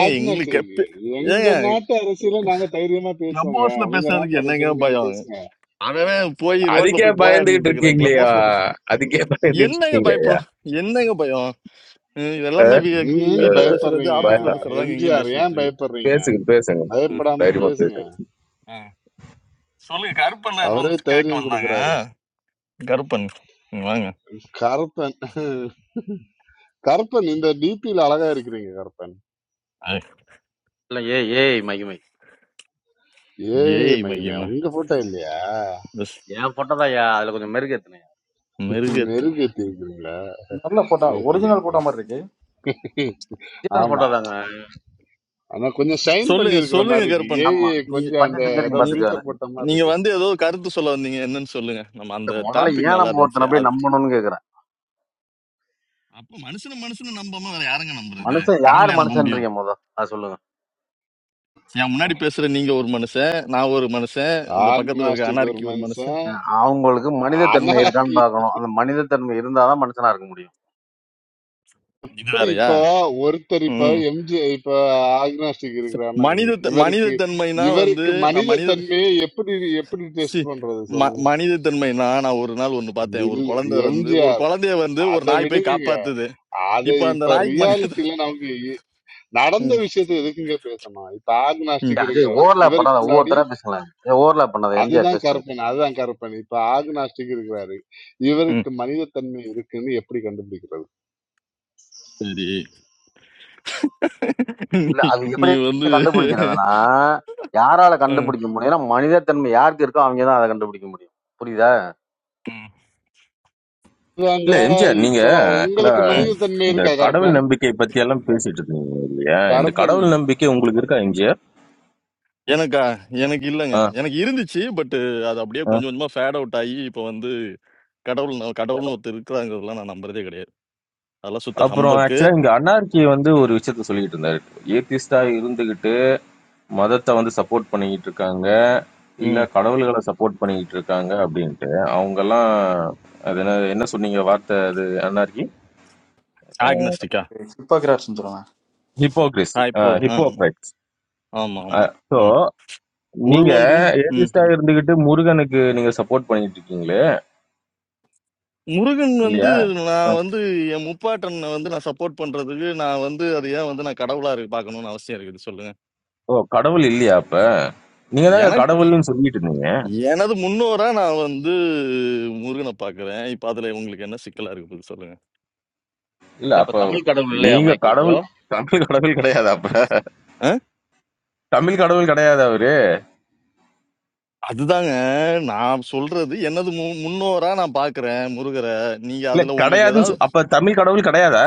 ஏங்க எங்களுக்கு ஆக்னாஸ்டிக் கெப்பி எங்க ஏங்க நாட்டு அரசியல நாங்க தைரியமா கிளப் பேசுவோங்க ஹவுஸ்ல உங்க நாட்டு பேசுறதுக்கு என்னங்க அரசியல நீங்க பயம் பேசுங்க அவன் போய் ரோட்ல அதுக்கே போய் போராடிட்டு பயந்துகிட்டு இருக்கிறான் கிளப் இருக்கீங்களேயா ஹவுஸ்ல பேச அதுக்கே பயந்துகிட்டு என்னங்க இருக்கீங்களேயா பயப்படும் என்னங்க பயம் ஹம், இது எல்லாமே அஹ், வீ- நீங்க வீ- ஏங்க வீட்ல அஹ், பேசுறது பயப்படுறீங்க பய- ஆபீஸ்ல பேசுறதாங்க எங்கேயும் எம்ஜிஆர் பேசிட்டு ஏன் இருக்குது பயப்படுறீங்க பேசுங்க பேசுங்க ஆ, பயப்படாம தைரியமா பேசுங்க பேசுங்க ஆ. சொல்லுங்க கருப்பன் ஏதோ அவரே ஒன்று கேட்க தைரியம் கொடுக்கறாரு வந்தாங்க கருப்பன் இங்க வாங்க கருப்பன் கருப்பன் இந்த டிபியில அழகா இருக்கிறீங்க கருப்பன் ஐ- இல்ல ஏ ஏய் மைக் மைக் ஏய் ஏய் மகிமையா மகிமா உங்க போட்டோ இல்லையா பஸ் என் போட்டோ தான் அதுல கொஞ்சம் மெருகேத்துனேன் மிருகத்து மெருகு ஏத்திருக்கிறீங்களா நல்ல போட்டோ ஏத்துங்க ஒரிஜினல் ஏத்துங்க போட்டோ மாதிரி இருக்கு ஜீசஸ் ஆமா போட்டோ தாங்க ஆனா கொஞ்சம் ஷைன் பண்ணி சொல்லுங்க இருக்கிற சொல்லுங்க மாதிரி இருக்கு கருப்பன் ஆமா ஏய் நீங்க கொஞ்சம் பட்டு அந்த ஏதோ சிங்கரிங்க நீ- பாத்துருக்காங்க ஃபில்டர் போட்ட மாதிரி நீங்க இருக்கு வந்து ஏதோ கருத்து சொல்ல வந்தீங்க என்னன்னு சொல்லுங்க நம்ம அந்த முதல்ல டாபிக் ஏன் நல்லா நம்ம இருந்துச்சு ஒருத்தனை போய் அது நம்பணும்னு கேக்குறேன் அப்போ மனுஷன மனுஷனை நம்பாம வேற யாருங்க நம்புறது மனுஷன் யார் கடவுளையா நம்ப முடியும் மனுஷன்றீங்க முத அதை சொல்லுங்க என் முன்னாடி பேசுற நீங்க ஒரு மனுஷன் நான் ஒரு மனுஷன் இந்த பக்கத்துல இருக்க ஆக்னாஸ்டிக் ஒரு அனார்கி ஒரு மனுஷன் மனுஷன் அவங்களுக்கு மனித ஓ, ஆனா தன்மை இருக்கான்னு பார்க்கணும் அந்த மனித தன்மை இருந்தாதான் மனுஷனா இருக்க முடியும் இது இப்படி வேறயா இப்போ ஒருத்தர் இப்ப ம் எம்ஜி இப்ப ஆக்னாஸ்டிக் இருக்கிறான்னா இங்க மனித மனித இவருக்கு தன்மைனா வந்து இவருக்கு நான் மனித மனித தன்மையை எப்படி எப்படி சி டெஸ்ட் பண்றது ம சொல்லுங்க மனிதத்தன்மைனா, நான் ஒரு நாள் ஒண்ணு பார்த்தேன். ஒரு இல்ல குழந்தை வந்து ஒரு எம்ஜிஆர் குழந்தைய வந்து ஒரு அதை நாய் போய் விடுங்க காப்பாத்துது. அது இப்ப அந்த இப்ப நாய்க்கு மனித ரியாலிட்டியில நமக்கு இ- நடந்த ம், விஷயத்தை எதுக்குங்க பேசணும் இப்ப ம், ஆக்னாஸ்டிக் ஏய், அது இருக்கிறாரு ஓவர்லாப் பண்ணாத இவருக்குள்ளாடி ஒவ்வொருத்தரா பேசலாம் ஓவர்லாப் பண்ணாத எம்ஜிஆர் அதுதான் பேசினது கருப்பன் அதுதான் கருப்பன் இப்ப ஆக்னாஸ்டிக் இருக்கிறாரு ம். இவருக்கு மனிதத்தன்மை இருக்குன்னு எப்படி கண்டுபிடிக்கிறது சரி. இல்ல நீ அது நீ எப்படி வந்து கண்டுபிடிக்கிறதுனா யாரால ம், கண்டுபிடிக்க முடியும்னா மனிதத்தன்மை யாருக்கு இருக்கோ அவங்க தான் அதை கண்டுபிடிக்க முடியும் புரியுதா ம், இதாங்க இல்ல எம்ஜிஆர் நீங்க இப்போ ஆக்சுவலா உங்களுக்கு ம். மனிதத்தன்மை இந்த இருக்கா கடவுள் கருப்பன் நம்பிக்கை பத்தி எல்லாம் பேசிட்டு இருந்தீங்க இல்லையா இந்த கருப்பன் கடவுள் நம்பிக்கை உங்களுக்கு இருக்கா எம்ஜிஆர் எனக்கா? எனக்கு இல்லங்க. ஆ, எனக்கு இருந்துச்சு. பட் அது அப்படியே ஆ. கொஞ்சம் கொஞ்சமா ஃபேட் அவுட் ஆயி, இப்ப வந்து கடவுள் ந கடவுள்ன்னு ஒருத்தர் இருக்கிறாங்கிறதெல்லாம் நான் நம்புறதே கிடையாது. அதெல்லாம் சுத்த அப்புறம் ஹம்பக்கு. ஆக்சுவலா இங்க அன்னார்கி வந்து ஒரு விஷயத்த சொல்லிக்கிட்டு இருந்தாரு ஏத்திஸ்டா இருந்துகிட்டு மதத்தை வந்து சப்போர்ட் பண்ணிக்கிட்டு இருக்காங்க இல்ல ம். கடவுள்களை சப்போர்ட் பண்ணிக்கிட்டு இருக்காங்க அப்படின்ட்டு அவங்க எல்லாம் அது என்ன என்ன சொன்னீங்க வார்த்தை அது அன்னார்கி ஆக்னஸ்டிக்கா? ஹிப்போகிராட்ஸ்னு சொல்லுவேன் ஹிப்போக்ரிஸ் ஆ இப்போ ஆ, ம். ஹிப்போக்ரைட்ஸ் ஆமா, ஆமா. ஸோ ம். நீங்க உள்ளொன்றும் ம். ஏதிஸ்டா இருந்துகிட்டு முருகனுக்கு நீங்க சப்போர்ட் பண்ணிட்டு இருக்கீங்களே முருகன் வந்து இல்லையா நான் அஹ், வந்து என் முப்பாட்டனை வந்து நான் சப்போர்ட் பண்றதுக்கு நான் வந்து அது ஏன் வந்து நான் கடவுளா இருக்கு பார்க்கணும்னு அவசியம் இருக்குது சொல்லுங்க ஓ கடவுள் இல்லையா அப்ப நீங்க தாங்க எனக்கு கடவுள்னு சொல்லிட்டு இருந்தீங்க எனது முன்னோரா நான் வந்து முருகனை பார்க்கிறேன் இப்ப அதுல உங்களுக்கு என்ன சிக்கலா இருக்கு போகுது சொல்லுங்க இல்ல இல்ல இப்ப அப்ப தமிழ் கடவுள் இல்லையா நீங்க மைக்கேல் ப்ரோ கடவுள் தமிழ் கடவுள் கிடையாது அப்ப ஆ? தமிழ் கடவுள் கிடையாது அவரு அதுதாங்க நான் சொல்றது எனது மு- முன்னோரா நான் பார்க்கிறேன் முருகரை நீங்க இல்ல அதுல உங்களுக்கு கிடையாதுன்னு ஏதாவது சொ- அப்ப தமிழ் கடவுள் கிடையாதா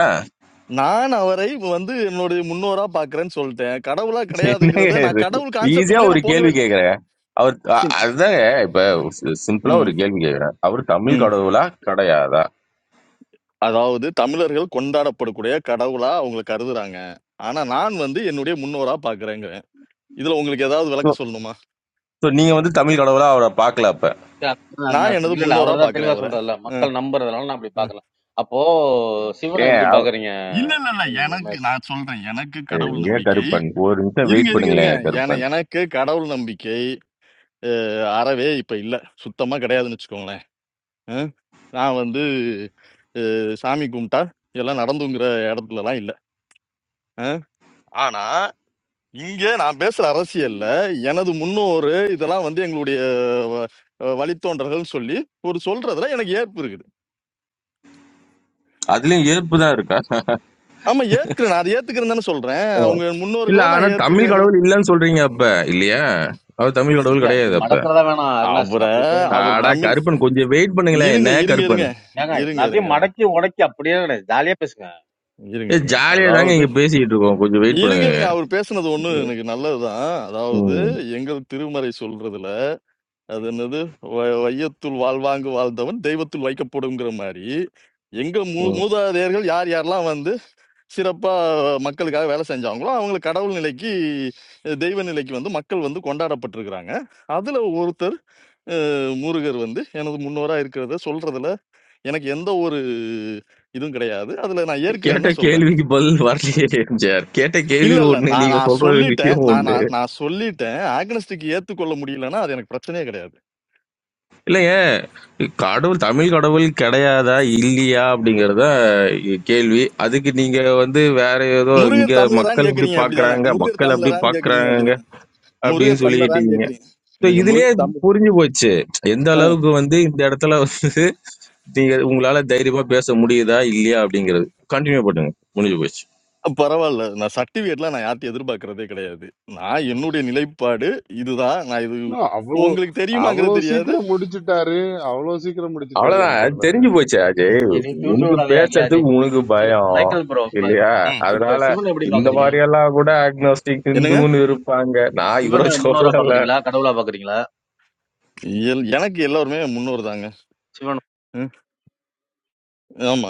நான் அவரை வந்து என்னுடைய முன்னோரா பார்க்கிறேன்னு சொல்லிட்டேன் கடவுளா என்னங்க கிடையாதுங்கிறத நான் இது கடவுள் ஈஸியா கான்செப்டுக்குள்ளேயே ஒரு நான் கேள்வி போகவே இல்லை கேக்குறேன் அவர் அ- அதுதாங்க இப்ப சிம்பிளா ஒரு ம் கேள்வி கேக்குறேன் அவர் தமிழ் ம் கடவுளா கிடையாதா அதாவது தமிழர்கள் கொண்டாடப்படக்கூடிய கடவுளா அவங்க கருதுறாங்க. ஆனா நான் வந்து என்னுடைய முன்னோரா பார்க்கிறேங்கிறேன். இதுல உங்களுக்கு ஏதாவது விளக்கம் ஸோ சொல்லணுமா? நீங்க வந்து தமிழ் கடவுளா அவரை பார்க்கல அப்ப நான் அக்னாஸ்டிக் எனது இல்ல இல்ல முன்னோரா அவர் தான் பார்க்கிறேன் தெளிவா அவர. சொல்றாருல்ல ம், மக்கள் நம்புறதுனால நான் அப்படி ம். பார்க்கலாம் அப்போ சிவனை ஏன் எப்படி பாக்குறீங்க இல்ல, இல்ல, இல்ல. என்னது, எனக்கு மைக்கேல்? நான் சொல்றேன். எனக்கு கடவுள் எங்க நம்பிக்கை கருப்பன் ஒரு நிமிஷம் இருங்க, வெயிட் இருங்க, இருங்க. பண்ணுங்களேன் என கருப்பன் எனக்கு கடவுள் நம்பிக்கை அ அறவே இப்ப இல்ல. சுத்தமா கிடையாதுன்னு வச்சுக்கோங்களேன். ம். நான் வந்து அ சாமி கும்பிட்டா எல்லாம் நடந்துங்கிற இடத்துலலாம் இல்ல. அ. ஆனா இங்க நான் பேசுற அரசியல்ல எனது முன்னோரு இதெல்லாம் வந்து எங்களுடைய வ- அஹ் வழித்தோன்றல்கள்னு சொல்லி ஒரு சொல்றதுல எனக்கு ஏற்பு இருக்குது அதுலயும் ஏற்பு தான் இருக்கா ஆமா ஏத்துக்கிறேன் நான் அதை ஏத்துக்கிறேன் தானே சொல்றேன் அஹ். அவங்க இல்ல முன்னோர்களா ஆனா நான் தமிழ் ஏத்துக்கிறேங்கிறது கடவுள் இல்லன்னு சொல்றீங்க அப்ப இல்லையா அவர் தமிழ் சீ, கடவுள் இல்ல இது கிடையாது அப்ப மடக்கிறதா வேணாம் அக்னாஸ்டிக் அவரை அப்படி போனா அவர் ஆடா தமிழ் கருப்பன் கொஞ்சம் வெயிட் பண்ணுங்களேன் என்ன இருங்க இருங்க கருப்பன் இருங்க ஏங்க இருங்க எல்லாத்தையும் இருங்க இருங்க மடக்கி உடைக்கி அப்படியே கிடையாது ஜாலியா பேசுங்க இருங்க ஏ இருங்க ஜாலியா தாங்க அதாவது இங்க பேசிட்டு இருக்கோம் கொஞ்சம் வெயிட் இருங்க பண்ணுங்க இருங்க அவர் பேசுனது ஒண்ணு எனக்கு நல்லதுதான் அதாவது ம், எங்கள் திருமறை சொல்றதுல அது என்னது வ- வையத்துள் வாழ்வாங்கு வாழ்ந்தவன் தெய்வத்துள் வைக்கப்படுங்கிற மாதிரி எங்க மூ ம். மூதாதையர்கள் யார் யாரெல்லாம் வந்து சிறப்பா மக்களுக்காக வேலை செஞ்சாங்களோ அவங்களை கடவுள் நிலைக்கு அஹ் தெய்வ நிலைக்கு வந்து மக்கள் வந்து கொண்டாடப்பட்டிருக்கிறாங்க அதுல ஒருத்தர் அஹ், முருகர் வந்து எனது முன்னோரா இருக்கிறத சொல்றதுல எனக்கு எந்த ஒரு இதுவும் கிடையாது அதுல நான் கேட்ட ஏற்கிறேன்னு சொல்றேன் கேள்விக்கு பதில் வரலையே எம்ஜிஆர் கேட்ட இல்ல கேள்வி இல்ல ஒண்ணு நான் நீங்க நான் சொல்ற சொல்லிட்டேன் விஷயம் ஒண்ணு நான் நான் நான் சொல்லிட்டேன் ஆக்னஸ்டிக் ஏத்துக்கொள்ள முடியலன்னா அது எனக்கு பிரச்சனையே கிடையாது இல்லைங்க. கடவுள் தமிழ் கடவுள் கிடையாதா? இல்லையா? அப்படிங்கிறது தான் கேள்வி. அதுக்கு நீங்க வந்து வேற ஏதோ இங்க முருகர் தமிழரான்னு மக்கள் இப்படி கேக்குறீங்க அப்படிதானே பார்க்குறாங்க, முருகர் மக்கள் அப்படி தமிழரான்னு கேக்குறீங்க பார்க்குறாங்க அப்படிதானே அப்படின்னு முருகர் தமிழரான்னு சொல்லிக்கிட்டீங்க. கேக்குறீங்க ஸோ நீங்க இதுலயே முருகர் தமிழ் புரிஞ்சு போச்சு. எந்த அஹ் அளவுக்கு வந்து இந்த இடத்துல வந்து நீங்க உங்களால தைரியமா பேச முடியுதா? இல்லையா? அப்படிங்கிறது. கன்டின்யூ பண்ணுங்க. முடிஞ்சு போச்சு. பரவாயில்ல நான் சர்டிபிகேட்லாம் நான் யார்ட்டையும் எதிர்பார்க்கறதே கிடையாது நான் என்னுடைய நிலைப்பாடு இதுதான் நான் இது இன்னும் அவ்வளோ உங்களுக்கு அவ்வளோ தெரியுமாங்கிறது தெரியாது சீக்கிரம் முடிச்சிட்டாரு அவ்வளோ சீக்கிரம் முடிச்சிட்டாரு அவ்வளவுதான். எம்ஜிஆர் அது பாருங்க தெரிஞ்சு போச்சு. எதையும் தூண்டி உனக்கு விடாதே அறியாது பேசுறதுக்கு உனக்கு சரி பயம் மைக்கேல் ப்ரோ இப்ப இல்லையா ம் இப்ப அதனால சிவனை எப்படி இந்த பாக்குறீங்க மாதிரி எல்லாம் கூட அக்னோஸ்டிக் என்னங்க ஹிந்துன்னு இருப்பாங்க நான் இவரை சிவனை முன்னோரா சொல்லல பாக்குறீங்களா கடவுளா பாக்குறீங்களா எல்- எனக்கு எல்லாருமே முன்னோர் தாங்க சிவன் ம், ஆமா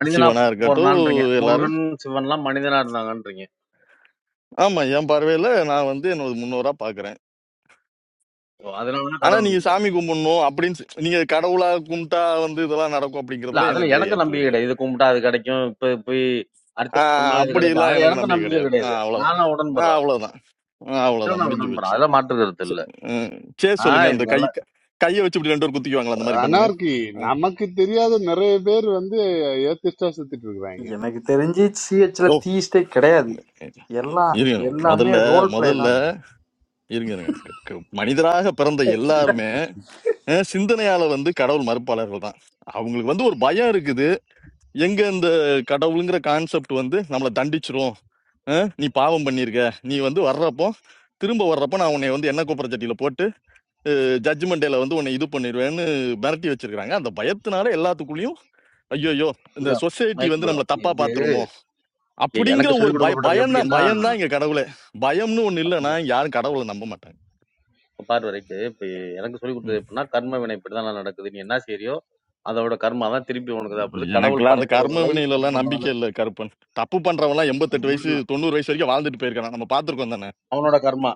மனிதனா சிவனா இருக்கட்டும் போறதான்றீங்க எல்லாரும் முருகன் சிவன்லாம் மனிதனா இருந்தாங்கன்றீங்க ஆமா என் பார்வையில நான் வந்து என்னோட முன்னோரா பாக்குறேன் அதனாலதான் ஆனா கடவுள் நீங்க நம்புறீங்க. சாமி கும்பிடணும் அப்படின்னு சொ- நீங்க கடவுளா கும்பிட்டா வந்து இதெல்லாம் நடக்கும் இல்ல அப்படிங்கறதுல அதுல எனக்கு எனக்கு ஏற்பு நம்பிக்கை கிடையாது கிடையாது இது கும்பிட்டா அது கிடைக்கும் இப்ப போய் அடுத்து ஆஹ் சொன்னா இது கிடைக்கும் அப்படிலாம் அது எனக்கு எனக்கு நம்பிக்கை நம்பிக்கை கிடையாது கிடையாது ஆஹ் அவ்வளோதான் நானும் ஆஹ் உடன்படுறேன் அவ்வளோதான் ஆஹ் அதுல அவ்வளோதான் நான் முடிஞ்சு உடன்படுறேன் போச்சு அதெல்லாம் மாற்று கருத்து இல்ல சே- அஹ் சே ஆஹ் சொல்லுங்க அந்த இவங்க கை எல்லாம் கையை வச்சு இப்படி ரெண்டு பேரும் குத்திக்குவாங்களா அந்த மாதிரி பண்ணுங்க அனார்கி ஆஹ் நமக்கு தெரியாத நிறைய பேர் வந்து ஏத்திஸ்டா சுத்திட்டு இருக்கிறாங்க எனக்கு தெரிஞ்சு சிஹெச்ல ஓ தீஸ்டே கிடையாது எல்லாம் இருங்க எல்லாமே முதல்ல ரோல் பிளே முதல்ல தான் இருங்க இருங்க. க- க- மனிதராக பிறந்த எல்லாருமே அஹ் சிந்தனையால வந்து கடவுள் மறுப்பாளர்கள் தான் அவங்களுக்கு வந்து ஒரு பயம் இருக்குது எங்க இந்த கடவுளுங்கிற கான்செப்ட் வந்து நம்மளை தண்டிச்சிரும் அஹ் நீ பாவம் பண்ணியிருக்க நீ வந்து வர்றப்போ திரும்ப வர்றப்போ நான் உன்னை வந்து என்ன கூப்பிட்ற ஜட்ஜ்மெண்ட் டேல வந்து உன்னை இது பண்ணிடுவேன்னு மிரட்டி வச்சிருக்காங்க அந்த பயத்தினால எல்லாத்துக்குள்ளேயும் ஐயோ இந்த இல்ல சொசைட்டி மைக் வந்து ப்ரோ நம்மளை தப்பா பாத்துருமோ அப்படிங்கிற எனக்கு ஒரு சொல்லிக் பய கொடுக்கப்பட்டது பயம் தான் எப்படின்னா பயம் தான் இங்க கடவுளே பயம்னு ஒண்ணு இல்லைன்னா அப்படிங்க. யாரும் கடவுளை நம்ப மாட்டாங்க பார்வரைக்கு இப்ப எனக்கு சொல்லிக் கொடுத்தது ம். எப்படின்னா கர்ம வினை இப்படிதான் நான் நடக்குது நீ என்ன செய்யறியோ அதோட கர்மா தான் திருப்பி உனக்கு தான் வருது. கடவுள் எனக்கெல்லாம் அந்த கர்ம படைப்பதில்லை வினையில இது எல்லாம் நம்பிக்கை பண்றதில்லை இல்லை கருப்பன் தப்பு பண்றவன்லாம் அது எண்பத்தெட்டு வயசு உங்களுக்கு தான். தொண்ணூறு வயசு வரைக்கும் வாழ்ந்துட்டு போயிருக்கான் நம்ம பார்த்திருக்கோம் தானே அவனோட கர்மா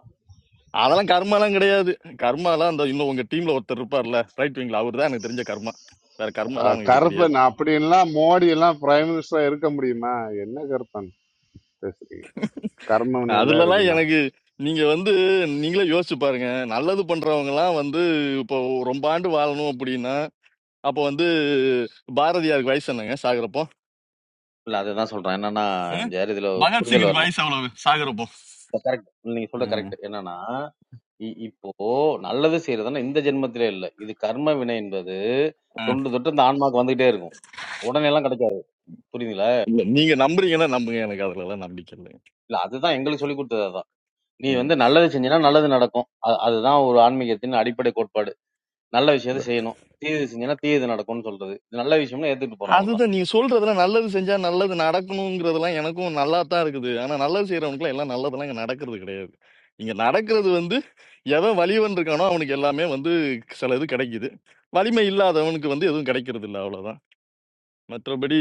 அதெல்லாம் கர்மாலாம் கிடையாது கர்மாலாம் அந்த இன்னும் உங்க டீம்ல ஒருத்தர் இருப்பார்ல ரைட் விங்ல அவர் தான் எனக்கு தெரிஞ்ச கர்மா வேற கர்மாலாம் அஹ் எனக்கு தெரியாது கருப்பன் அப்படின்லாம் மோடி எல்லாம் பிரைம் மினிஸ்டரா இருக்க முடியுமா என்ன கருப்பன் பேசுறீங்க கர்மவினையில அதுலலாம் இருக்குன்னா எனக்கு நீங்க வந்து நீங்களே யோசிச்சு பாருங்க நல்லது பண்றவங்க எல்லாம் வந்து இப்போ ரொம்ப ஆண்டு வாழணும் அப்படின்னா அப்போ வந்து பாரதியாருக்கு வயசு என்னங்க சாகுறப்போ இல்ல அதுதான் சொல்றேன் என்னன்னா அஹ்? எம்ஜிஆர் இதுல ஒரு புரிதல் பகத்சிங்கிற்கு வரணும் வயசு அவ்வளவு சாகுறப்போ கரெக்ட் நீங்க சொல்ற ம், கரெக்ட் என்னன்னா இ- இப்போ நல்லது செய்யறதுன்னா இந்த ஜென்மத்திலே இல்ல இது கர்ம வினை என்பது ம். தொன்று தொட்டு இந்த ஆன்மாக்கு வந்துகிட்டே இருக்கும் உடனே எல்லாம் கிடைக்காது புரியுதுங்களா இல்ல நீங்க நம்புறீங்கன்னா நம்புங்க எனக்கு அதுல எல்லாம் நம்பிக்கை இல்லைங்க இல்ல அதுதான் எங்களுக்கு சொல்லி கொடுத்தது அதான் நீ வந்து ம். நல்லது செஞ்சினா நல்லது நடக்கும் அ- அதுதான் ஒரு ஆன்மீகத்தின் அடிப்படை கோட்பாடு நல்ல விஷயத்தை செய்யணும் தீயது செஞ்சினா தீயது நடக்கும்னு சொல்றது இது நல்ல விஷயம்னு ஏத்துட்டு போறோம் அவ்வளவுதான் அதுதான் நீ சொல்றதுல நல்லது செஞ்சா நல்லது நடக்கணுங்கிறதெல்லாம் எனக்கும் நல்லா தான் இருக்குது ஆனா நல்லது செய்யறவனுக்குலாம் எல்லாம் நல்லதெல்லாம் இங்க நடக்கிறது கிடையாது இங்க நடக்கிறது வந்து எவன் வலிவன் இருக்கானோ அவனுக்கு எல்லாமே வந்து சில இது கிடைக்குது வலிமை இல்லாதவனுக்கு வந்து எதுவும் கிடைக்கிறது இல்லை அவ்வளவுதான் மற்றபடி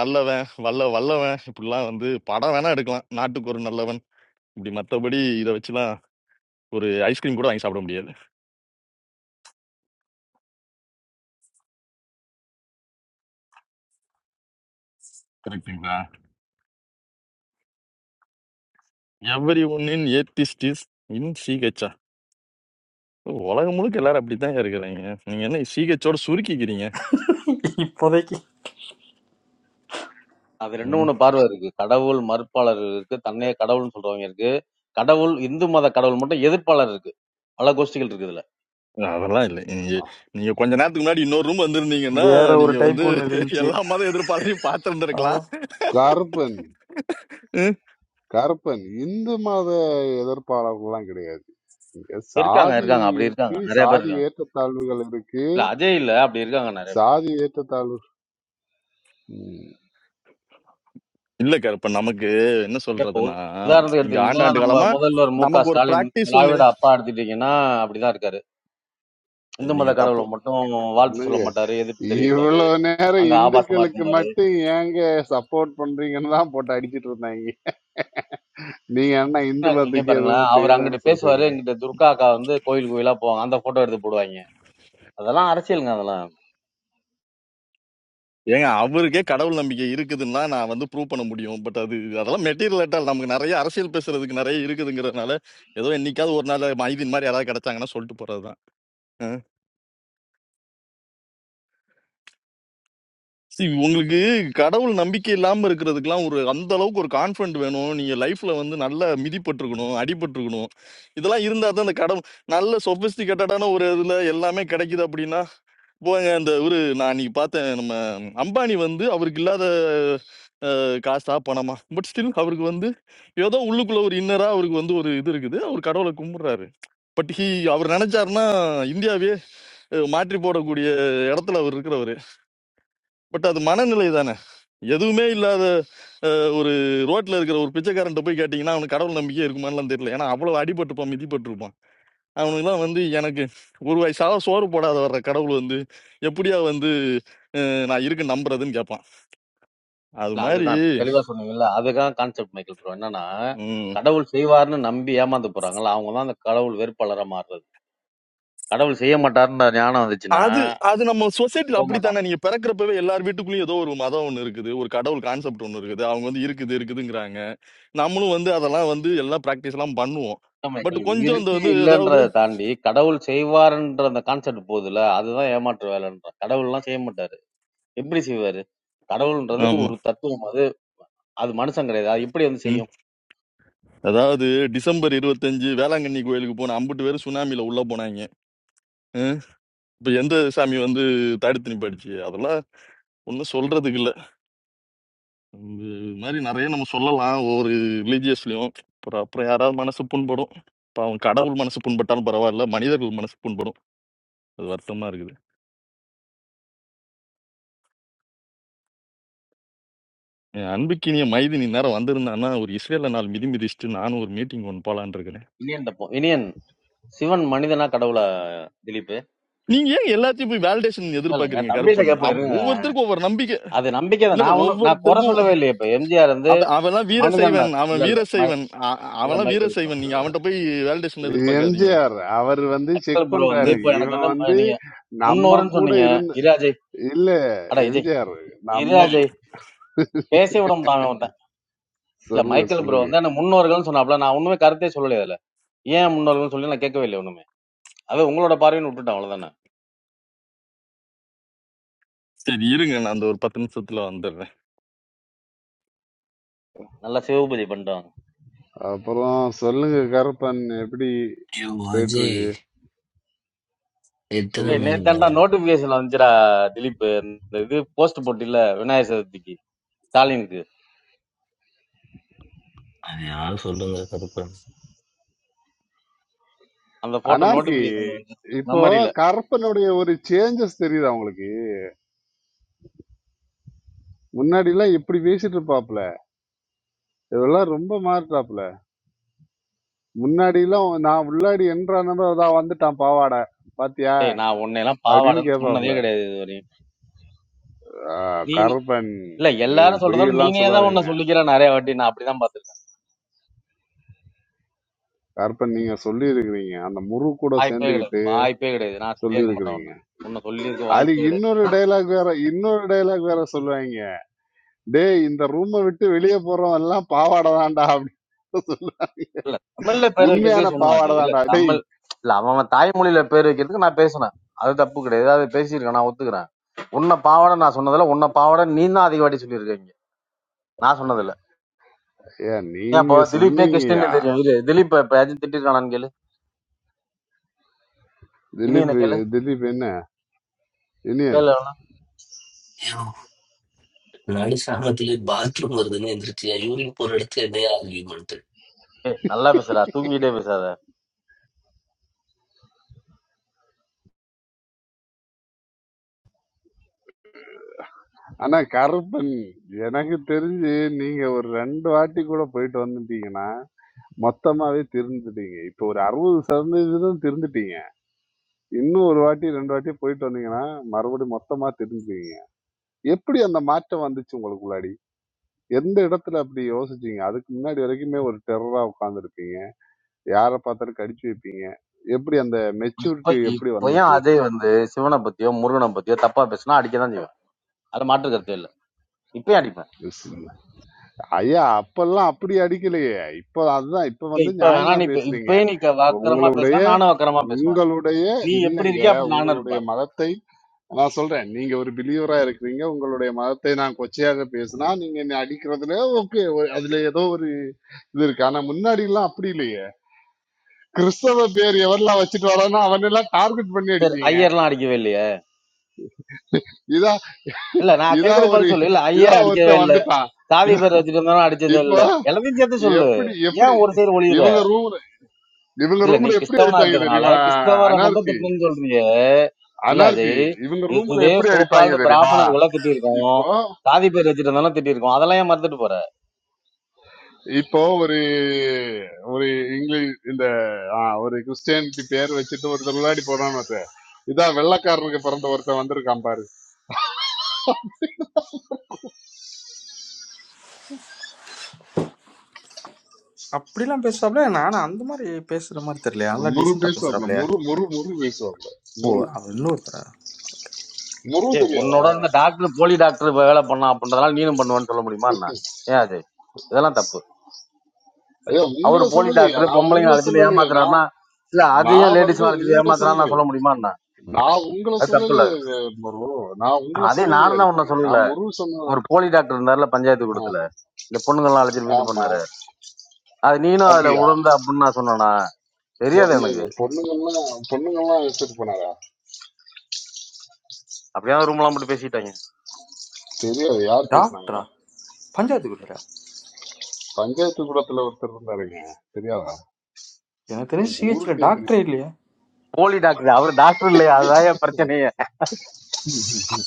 நல்லவன் வல்ல வல்லவன் இப்படிலாம் வந்து படம் வேணா எடுக்கலாம் நாட்டுக்கு ஒரு நல்லவன் இப்படி மற்றபடி இதை வச்சுலாம் ஒரு ஐஸ்கிரீம் கூட வாங்கி சாப்பிட முடியாது கரெக்டுங்களா everyone in atheist is in சீகச்சா உலகம் முழுக்க எல்லாரும் அப்படித்தாங்க இருக்கிறாங்க. நீங்க என்ன சிஹெச்சோட சுருக்கிக்கிறீங்க? இப்போதைக்கு அது ரெண்டு ம். மூணு பார்வை இருக்கு கடவுள் மறுப்பாளர்கள் இருக்கு தன்னையே கடவுள்னு சொல்றவங்க இருக்கு கடவுள் இந்து மத கடவுள் மட்டும் எதிர்ப்பாளர் இருக்கு பல கோஷ்டிகள் இருக்குது அதெல்லாம் இல்ல. நீங்க நீங்க கொஞ்ச நேரத்துக்கு முன்னாடி இன்னொரு ரூம் வந்திருந்தீங்கன்னா, வேற ஒரு நீங்க வந்து டைப் ஒன்று இருந்துச்சு எல்லா மத எதிர்ப்பாளரையும் ஆமா பார்த்திருந்திருக்கலாம். கருப்பன் ம். கருப்பன் இந்து மத எதிர்ப்பாளர்கள்லாம் கிடையாது இங்க இருக்காங்க, சாதி இருக்காங்க. அப்படி இருக்கு இருக்காங்க. நெறைய பேர் சாதி இருக்காங்க. ஏற்றத்தாழ்வுகள் இருக்கு இல்ல அஜய் இல்ல. அப்படி இருக்காங்க நெறைய பேர். சாதி ஏற்றத்தாழ்வு ம், இல்ல கருப்பன். நமக்கு என்ன இல்ல இப்போ ஒரு சொல்றதுன்னா, உதாரணத்துக்கு இங்க எடுத்துக்கிட்டீங்கன்னா, ஆண்டாண்டு நம்ம காலமா முதல்வர் மு.க. நமக்கு ஒரு ஸ்டாலின், பிராக்டிஸ் ஒண்ணு. திராவிட அப்பா எடுத்துக்கிட்டீங்கன்னா, அப்படிதான் இருக்காரு. இந்து மத நீங்க கடவுள தப்பு மட்டும் வாழ்த்து சொல்ல என்னங்க மாட்டாரு, எதிர்ப்பு தெரிவிப்பாரு. இவ்வளவு நேரம் அங்க ஆபாசமா இந்துக்களுக்கு இருக்கும் பாரு. மட்டும் ஏங்க சப்போர்ட் பண்றீங்கன்னு தான் போட்டு அடிச்சிட்டு இருந்தாங்க நீங்க என்ன இந்து அ இங்க மதத்துக்கு பாருங்களேன், எதுவும் அவர் செய்யலைன்னு அங்கிட்டு சொல்றீங்க பேசுவாரு, இங்கிட்டு துர்கா அக்கா வந்து கோயில் கோயிலா போவாங்க. அந்த ஃபோட்டோ எடுத்து போடுவாய்ங்க. அதெல்லாம் அரசியலுங்க அதெல்லாம். ஏங்க அவருக்கே கடவுள் நம்பிக்கை இருக்குதுன்னா, நான் வந்து ப்ரூவ் பண்ண முடியும். பட் அது அதெல்லாம் மெட்டீரியல் எட்டால் நமக்கு நெறைய அரசியல் பேசுறதுக்கு நெறைய இருக்குதுங்கிறதுனால, ஏதோ என்னைக்காவது ஒரு நாள் மைதீன் மாரி யாராவது கிடைச்சாங்கன்னா சொல்லிட்டு போறதுதான். See, உங்களுக்கு கடவுள் நம்பிக்கை இல்லாம இருக்கிறதுக்கெல்லாம் ஒரு அந்த அளவுக்கு ஒரு கான்ஃபிடன்ட் வேணும் நீங்க லைஃப்ல வந்து நல்லா மிதிப்பட்டிருக்கணும் அடிபட்டிருக்கணும் இதெல்லாம் இருந்தா தான் அந்த கடவுள் நல்ல சொபிஸ்டிகேட்டடான ஒரு இதுல எல்லாமே கிடைக்குது அப்படின்னா போங்க அந்த ஒரு நான் இன்னைக்கு பார்த்தேன் நம்ம அம்பானி வந்து அவருக்கு இல்லாத அஹ், காசா பணமா பட் ஸ்டில் அவருக்கு வந்து ஏதோ உள்ளுக்குள்ள ஒரு இன்னரா அவருக்கு வந்து ஒரு இது இருக்குது அவர் கடவுளை கும்பிடுறாரு பட் ஹி அவர் நினைச்சாருன்னா இந்தியாவே அஹ், மாற்றி போடக்கூடிய இடத்துல அவர் இருக்கிறவர் பட் அது மனநிலை தானே எதுவுமே இல்லாத அஹ், ஒரு ரோட்ல இருக்கிற ஒரு பிச்சைக்காரன்ட்ட போய் கேட்டிங்கன்னா அவனுக்கு கடவுள் நம்பிக்கை இருக்குமான்லாம் தெரியல ஏன்னா அவ்வளவு அடிபட்டிருப்பான் மிதிப்பட்டிருப்பான் அவனுக்குலாம் வந்து எனக்கு ஒரு வயசாக சோறு போடாத வர்ற கடவுள் வந்து எப்படியா வந்து அஹ், நான் இருக்கு நம்புறதுன்னு கேட்பான் அது இல்ல மாதிரி அதுதான் தெளிவா சொன்னீங்கல்ல, அதுதான் கான்செப்ட் மைக்கேல் ப்ரோ. என்னன்னா, ம், கடவுள் செய்வார்ன்னு நம்பி ஏமாந்து போறாங்கல்ல, அவங்க தான் அந்த கடவுள் வெறுப்பாளரா மாறுறது. கடவுள் செய்ய மாட்டாருன்ற ஞானம் வந்துச்சுன்னா அது அது நம்ம சொசைட்டில போக மாட்டான் அப்படித்தானே நீங்க பிறக்கிறப்பவே எல்லார் வீட்டுக்குள்ளேயும் ஏதோ ஒரு மதம் ஒன்று இருக்குது ஒரு கடவுள் கான்செப்ட் ஒன்று இருக்குது அவங்க வந்து இருக்குது இருக்குதுங்கிறாங்க நம்மளும் வந்து அதெல்லாம் வந்து எல்லாம் ப்ராக்டிஸ் எல்லாம் பண்ணுவோம் சுத்தமா பட் இல்ல, கொஞ்சம் இந்த இருக்கு வந்து இல்லன்றத ஏதாவது தாண்டி கடவுள் செய்வாருன்ற அந்த கான்செப்ட் போகுதுல அதுதான் ஏமாற்று வேலைன்ற கடவுள்லாம் செய்ய மாட்டாரு எப்படி செய்வாரு கடவுள்ன்றது ஒரு தத்துவம் அது அது மனுஷன் கிடையாது அது எப்படி வந்து ம். செய்யும் அதாவது டிசம்பர் இருபத்தஞ்சு வேளாங்கண்ணி கோயிலுக்கு போன அம்புட்டு பேர் சுனாமில உள்ள போனாங்க ம். இப்ப எந்த சாமி வந்து தடுத்து நிப்பாடுச்சு அதெல்லாம் ஒன்றும் சொல்றதுக்கு இல்ல இந்த மாதிரி நிறைய நம்ம சொல்லலாம் ஒவ்வொரு ரிலீஜியஸ்லயும் அப்புறம் அப்புறம் யாராவது மனசு புண்படும் இப்போ அவன் கடவுள் மனசு புண்பட்டாலும் பரவாயில்ல மனிதர்கள் மனசு புண்படும் அது வருத்தமா இருக்குது என் அன்புக்கினிய மைதினி நேரம் வந்திருந்தான்னா ஒரு இஸ்ரேல நாள் மிதி மிதிச்சுட்டு நானும் ஒரு மீட்டிங் ஒன்று போலான்னு இருக்கிறேன் இனியன் தப்போம் இனியன் சிவன் மனிதனா கடவுளா திலீப் நீங்க ஏன் எல்லாத்தையும் போய் வேலிடேஷன் இல்ல, என் எதிர்பார்க்கறீங்க தம்பிகிட்ட கருப்பன் கேப்போம் அவ- இருங்க ஒவ்வொருத்தருக்கும் ஒவ்வொரு நம்பிக்கை அது நம்பிக்கை தான் இல்ல இல்ல நான் ஒண்ணும் நான் குறை ஒவ்வொருத்தருக்கும் சொல்லவே இல்லையே இப்ப எம்ஜிஆர் வந்து அவன் அவன்லாம் மனிதன் வீரசைவன் அவன் இல்ல இல்ல மை- வீரசைவன் அ- இல்ல அவன்லாம் மைக்கேல் ப்ரோ வீரசைவன் நீங்க அவன்கிட்ட போய் வேலிடேஷன் எதிர்பார்க்காதீங்க எம்ஜிஆர் அவர் வந்து மைக்கேல் செக் ப்ரோ வந்து பண்றாரு ம். இப்ப எனக்கு இவன் வந்து ம- வந்து நீங்க நம்ம முன்னூறுன்னு கூட சொன்னீங்க இருந்த இராஜை இல்ல அட விஜய் எம்ஜிஆர் நம்ம இராஜை கூ- பேச விட மாட்டான் அவன் இல்ல சொல்லுங்க மைக்கேல் ப்ரோ சொல்லுங்க வந்து ஆனா முன்னோர்கள்னு சொன்னாப்ல நான் ஒண்ணுமே கருத்தே சொல்லலையே அதுல ஏன் முன்னோர்கள்னு சொல்லி நான் கேட்கவே இல்லை ஒண்ணுமே அது உங்களோட பார்வைன்னு விட்டுட்டேன் அவ்வளவுதானே சரி இருங்க நான் அந்த ஒரு பத்து நிமிஷத்துல வந்துடுறேன் நல்லா சிவபதி பண்றாங்க அப்புறம் சொல்லுங்க கருப்பன் எப்படி யோ போயிட்டு அஜய் இருக்கு எத்தனை ஏய் சொல்லுங்க மணியா நேத்தாண்டா நோட்டிபிகேஷன் வந்துச்சுடா திலீப் இந்த இது போஸ்ட் போட்டு இல்ல விநாயகர் சதுர்த்திக்கு ஸ்டாலினுக்கு அது யாரும் சொல்லுங்க கருப்பன் அந்த போட்டோ அனார்கி நோட்டிபிகேஷன் வந்துச்சு இப்போ மெமரியில கருப்பனுடைய ஒரு சேஞ்சஸ் தெரியுது அவங்களுக்கு முன்னாடி எல்லாம் இப்படி பேசிட்டு இருப்பாப்ல இதெல்லாம் ரொம்ப மாறிட்டாப்ல முன்னாடி எல்லாம் நான் உள்ளாடி என்றானதோ தான் வந்துட்டான் பாவாடை பாத்தியா ஏய் நான் உன்னை எல்லாம் அப்படின்னு பாவாடன்னு சொன்னதே கேப்பாப்ல கிடையாது இது வரையும் ஆஹ் நீ நீ- கருப்பன் இல்ல நீங்க எல்லாரும் பொய் சொல்றதோட எல்லாம் நீனே தான் சொல்லாதீங்க உன்னை சொல்லிக்கிற நிறைய வாட்டி நான் அப்படிதான் பாத்திருக்கேன் கருப்பன் நீங்க சொல்லி இருக்கிறீங்க அந்த முரு கூட வாய்ப்பே கிடையாது சேர்ந்துகிட்டு வாய்ப்பே கிடையாது நான் சொல்லி சொல்லியிருக்க மாட்டேன் இருக்கிறீங்க உன்னை உன்னை சொல்லியிருக்க வாய்ப்பே அதுக்கு கிடையாது இன்னொரு டைலாக் வேற இன்னொரு டைலாக் வேற சொல்லுவாங்க டேய் இந்த ரூமை விட்டு வெளியே போறவன் எல்லாம் பாவாடை தான்டா அப்படின்னு சொல்லு. இல்ல தமிழ்ல பேர் உண்மையான வைக்கிறதுக்கு சொன்னான் அது பாவாடை இல்ல தான்டா டேய் தமிழ் இல்ல அவன் அவன் தாய்மொழியில பேர் வைக்கிறதுக்கு நான் பேசினேன் அது தப்பு கிடையாது அது பேசியிருக்கேன் நான் ஒத்துக்கிறேன் உன்னை பாவாடை நான் சொன்னதில்ல உன்னை பாவாடை நீ தான் அதிக வாட்டி சொல்லியிருக்கீங்க நான் சொன்னதில்ல ஏன் ஏன் அப்போ நீங்க திலீப்பே சொன்னீங்கயா கிருஷ்ணன் தெரியும் இது திலீப் இப்ப யாச்சும் திட்டிருக்கானான்னு கேளு இனி என்ன திலீப் கேளு திலீப் என்ன யூனியன் கேளு அவன. யோ நாடி சாமத்திலே பாத்ரூம் வருதுன்னு எந்திரிச்சியா யூரின் போற இடத்துல என்னையா ஆர்கியூமெண்ட் ஏய் நல்லா பேசுறா தூங்கிட்டே பேசாத ஆனா கருப்பன் எனக்கு தெரிஞ்சு நீங்க ஒரு ரெண்டு வாட்டி கூட போயிட்டு வந்துட்டீங்கன்னா மொத்தமாவே திருந்துட்டீங்க இப்ப ஒரு அறுபது சதவீதம் திருந்துட்டீங்க இன்னும் ஒரு வாட்டி ரெண்டு வாட்டி போயிட்டு வந்தீங்கன்னா மறுபடியும் மொத்தமா தெரிஞ்சுக்குவீங்க எப்படி அந்த மாற்றம் வந்துச்சு உங்களுக்குள்ளாடி எந்த இடத்துல அப்படி யோசிச்சீங்க அதுக்கு முன்னாடி வரைக்குமே ஒரு டெரரா உட்காந்துருப்பீங்க யாரை பார்த்தாலும் கடிச்சு வைப்பீங்க எப்படி அந்த இப்ப மெச்சூரிட்டி எப்படி இப்ப ஏன் வந்துச்சு அதே வந்து சிவனை பத்தியோ முருகனை பத்தியோ தப்பா பேசினா அடிக்க தான் செய்வேன் அது மாற்று கருத்தே இல்ல இப்பயும் அடிப்பேன் ஐயா அப்பெல்லாம் அப்படி அடிக்கலையே இப்போ அதுதான் இப்போ இல்ல வந்து இப்ப வேணா நியாயமா நீ இப்ப பேசுறீங்க இப்பயே நீ க- வக்கரமா உங்களுடைய பேசினா நானும் வக்கரமா பேசுவேன் உங்களுடைய நீ எப்படி இல்லைங்க இருக்கியா அப்படி நானும் இருப்பேன் உங்களுடைய மதத்தை நான் சொல்றேன் நீங்க ஒரு பிலீவரா இருக்கிறீங்க உங்களுடைய மதத்தை நான் கொச்சையாக பேசினா நீங்க என்னை அடிக்கிறதுல ஓகே அதுல ஏதோ ஒரு இது இருக்கு ஆனா முன்னாடி எல்லாம் அப்படி இல்லையே கிறிஸ்தவ பேர் எவரெல்லாம் வச்சுட்டு வரானோ அவன் எல்லாம் டார்கெட் பண்ணி சரி அடிப்பீங்க ஐயர்லாம் அடிக்கவே இல்லையே இதா இல்ல நான் இதா கேக்குறது ஒரு பதில் சொல்லு இல்ல இதா ஐயர் அடிக்கவே ஒருத்தன் இல்ல வந்துட்டான் சாவி இதா- பேர் வச்சுட்டு இருந்தாலும் அடிச்சதே இப்போ இல்ல எல்லாத்தையும் சேர்த்து சொல்லு எப்படி எப்படி ஏன் ஒரு சைடு ஒளியுற இவங்க ரூம்ல இவங்க இல்ல நீ ரூம்ல எப்படி கிறிஸ்தவனா அடிப்பாங்க இருக்கிறதுனால தெரியுமா கிறிஸ்தவரை மட்டும் அனார்கி திட்டணும்னு சொல்றீங்க இல்ல அனார்கி அஜய் இவங்க இ- ரூம்ல இதே எப்படி அடிப்பாங்க சோக்கால்டு தெரியுமா பிராமணர்களை திட்டியிருக்கோம் இப்போ சாதி பேர் வச்சுட்டு இருந்தாலும் திட்டியிருக்கோம் அதெல்லாம் ஏன் மறந்துட்டு போற இப்போ ஒரு ஒரு இங்கிலீஷ் இந்த ஆ, ஒரு கிறிஸ்டியானிட்டி பேர் வச்சுட்டு ஒருத்தர் விளையாடி போறான்னு ஒருத்தன் இதான் வெள்ளக்காரனுக்கு பிறந்த ஒருத்தன் வந்திருக்கான் பாரு அப்படிலாம் பேசுறாப்ல நானும் அந்த மாதிரி பேசுற மாதிரி தெரியலையா நல்லா முரு டீசெண்டா பேசுவாப்ல பேசுறாப்லையா முரு முரு முரு பேசுவாப்ல ஓ முரு அவர் இன்னொருத்தரா முரு ஏய் தெரியாதா உன்னோட இந்த டாக்டர் போலி டாக்டர் வேலை பண்ணா அப்படின்றதுனால நீனும் பண்ணுவேன்னு சொல்ல முடியுமா என்ன ஏன் அஜய் இதெல்லாம் தப்பு ஐயா அவர் உங்களை போலி சொல்லலையா டாக்டர் நான் பொம்பளைங்க உங்களை அழைச்சிட்டு சொல்லலையே நான் ஏமாத்துறாருன்னா இல்ல அதையும் நான் வந்து லேடிஸ் அழைச்சிட்டு உங்களை ஏமாத்துறான்னு சொல்லு நான் சொல்ல முடியுமா என்ன நான் உங்களை அது தப்பு இல்ல சொல்லலையே முரு நான் உங்களை அதே சொல்லலையே நானும் தான் உன்ன அதுக்கு சொல்லல நான் முரு சொன்ன ஒரு போலி டாக்டர் இருந்தாருல பஞ்சாயத்து கூடத்துல ஆமா இந்த பொண்ணுங்கெல்லாம் அழைச்சிட்டு போய் இது ஆமா. பண்ணாரு அது நீனும் அதுல அப்படியா உடந்த அப்படின்னு நான் சொன்னானா தெரியாது எனக்கு பொண்ணுங்க பொண்ணுங்கெல்லாம் பொண்ணுங்கெல்லாம் வச்சிருப்பனாரா அப்படியே ரூம் எல்லாம் போட்டு பேசிட்டாங்க தெரியாது யார் பேசுனாங்க டாக்டரா பஞ்சாயத்துக்குள்ளரா பஞ்சாயத்து குளத்துல ஒருத்தர் இருந்தாருங்க தெரியாதா எனக்கு தெரிஞ்சு உம், சிஹெச்ல ஊருக்கே டாக்டரே தெரியும் இல்லையா போலி டாக்டர் அவர் டாக்டர் இல்லையா அதான் பிரச்சனையே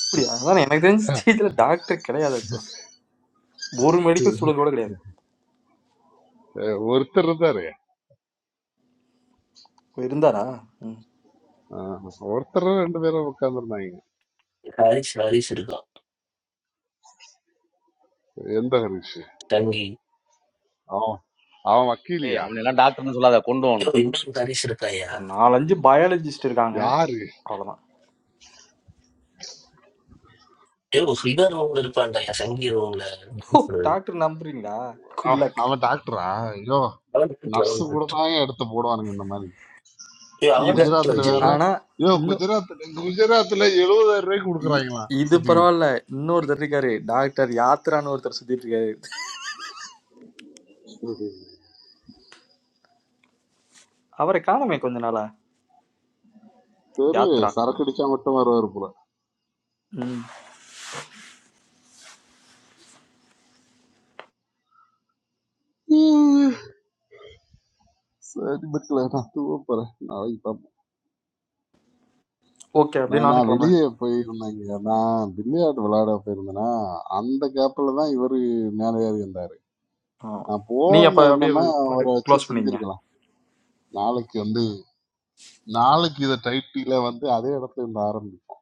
அப்படியா அதான் எனக்கு தெரிஞ்சு சிஹெச்ல டாக்டர் கிடையாது actually. ஒரு மெடிக்கல் ஸ்டூடெண்ட் கூட கிடையாது அஹ் ஒருத்தர் இருந்தாரு இப்போ இருந்தாரா ம் அஹ் ஒருத்தர் ரெண்டு பேரும் உட்கார்ந்துருந்தாங்க ஹாரிஸ் ஹாரிஸ் இருக்கான் எந்த ஹரிஷ் சங்கி அவன் அவன் ஏய் வக்கீலியா அவன் எல்லாம் டாக்டர்னு சொல்லாத கொண்டு யோ வாண்ணே இன்னொரு ஹாரிஸ் இருக்காயா ஒரு நாலஞ்சு பயாலஜிஸ்ட் இருக்காங்க யாரு அவ்வளோதான் யோ ஹிதா ரூம்ல இருப்பான்டாயா சங்கி ரூம்ல டாக்டர் நம்புறீங்களா குட் அவ- லக் அவன் டாக்டரா ஐயோ அவன் டாக்டர் நர்ஸ் அவன் கூட டாக்டர் தான் எடுத்து போடுவானுங்க இந்த மாதிரி யோ இத அவன் டாக்டர் குஜராத்ல இ- வேற அஜய் ஆனா ஐயோ இன்னும் குஜராத்ல குஜராத்ல எழுபதாயிரம் ரூபாய்க்கு இ- கொடுக்குறாங்களாம் இது சர்டிபிகேட் பரவாயில்ல இன்னொருத்தர் இருக்காரு டாக்டர் யாத்ரான்னு ஒருத்தர் சுத்திட்டு இருக்காரு அவரை காணமே கொஞ்ச நாளா தெரியல யாத்ரா சரக்கு அடிச்சா மட்டும் வருவாரு போல ம் உம், சரி பட்டில நான் தூங்க போறேன் நாளைக்கு ஓகே அப்படியே நான் நானும் நான் கிளம்புறேன் வெளிய போயிருந்தேங்க. நான் பில்லியார்ட் விளையாட போயிருந்தேன்னா, அந்த கேப்ல தான் இவரு மேல ஏறி வந்தாரு. ஆமா நான் நீங்க போகாம அப்ப அப்படியே இருந்தேன்னா, அவர போட்டு வச்சு க்ளோஸ் பண்ணிக்கங்க செஞ்சிருக்கலாம். நாளைக்கு வந்து நாளைக்கு இத டைட்டில வந்து அதே இடத்துல இருந்து ஆரம்பிப்போம்.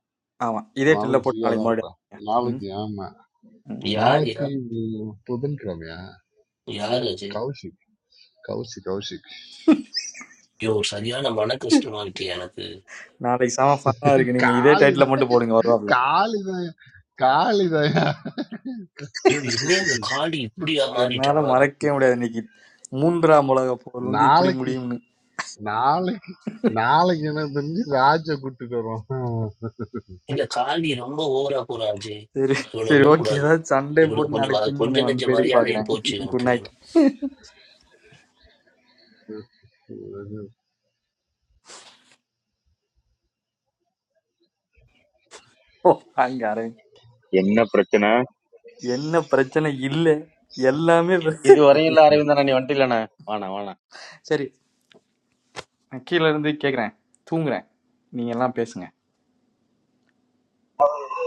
ஆமா இதே டில்ல நாளைக்கு போட்டு ஃப்ரீயா நாளைக்கு தான் மறுபடியும் இருப்பேன். ஆரம்பிங்க. ம் நாளைக்கு ஆமா. ம். யார் நாளைக்கு யா புதன்கிழமையா? யார் அஜய் கௌஷிக். கௌஷிக், கௌஷிக். யோ சரியான மன கஷ்டமாயிட்டு எனக்கு நாளைக்கு செம ஃபன்னா இருக்கு நீங்க இதே காளி டைட்டில் மட்டும் போடுங்க வருவாப்ல காளிதாயா காளிதாயா யோ என்ன இந்த காடி இப்படியா என்னால மாறிட்டான் மறக்கவே முடியாது இன்னைக்கு மூன்றாம் உலக போர் வந்து இப்படி நாளைக்கு முடியும்னு நாளைக்கு நாளைக்கு எனக்கு தெரிஞ்சு ராஜ கூட்டிட்டு வருவான். இல்ல கால்வி ரொம்ப ஓவரா போறாச்சு சரி இவ்வளவு சரி ஓகே விடக்கூடாது ஏதாவது சண்டே இவ்வளவு போட்டு கொஞ்சம் நாளைக்கு ம- பின் பண்ணி கொஞ்ச நெஞ்ச வந்து வேடி மரியாதையும் பாக்குறேன் போச்சு குட் எனக்கு நைட் வேணும் ஓ அங்க அரவிந்த் என்ன பிரச்சனை என்ன பிரச்சனை இல்ல எல்லாமே இது பிரச்சனை. வரையும் இல்ல அரவிந்தா நீ வந்துட்டு இல்லண்ணே வாண்ணா வாண்ணா சரி நான் கீழ இருந்து கேக்குறேன் தூங்குறேன் நீங்க எல்லாம் பேசுங்க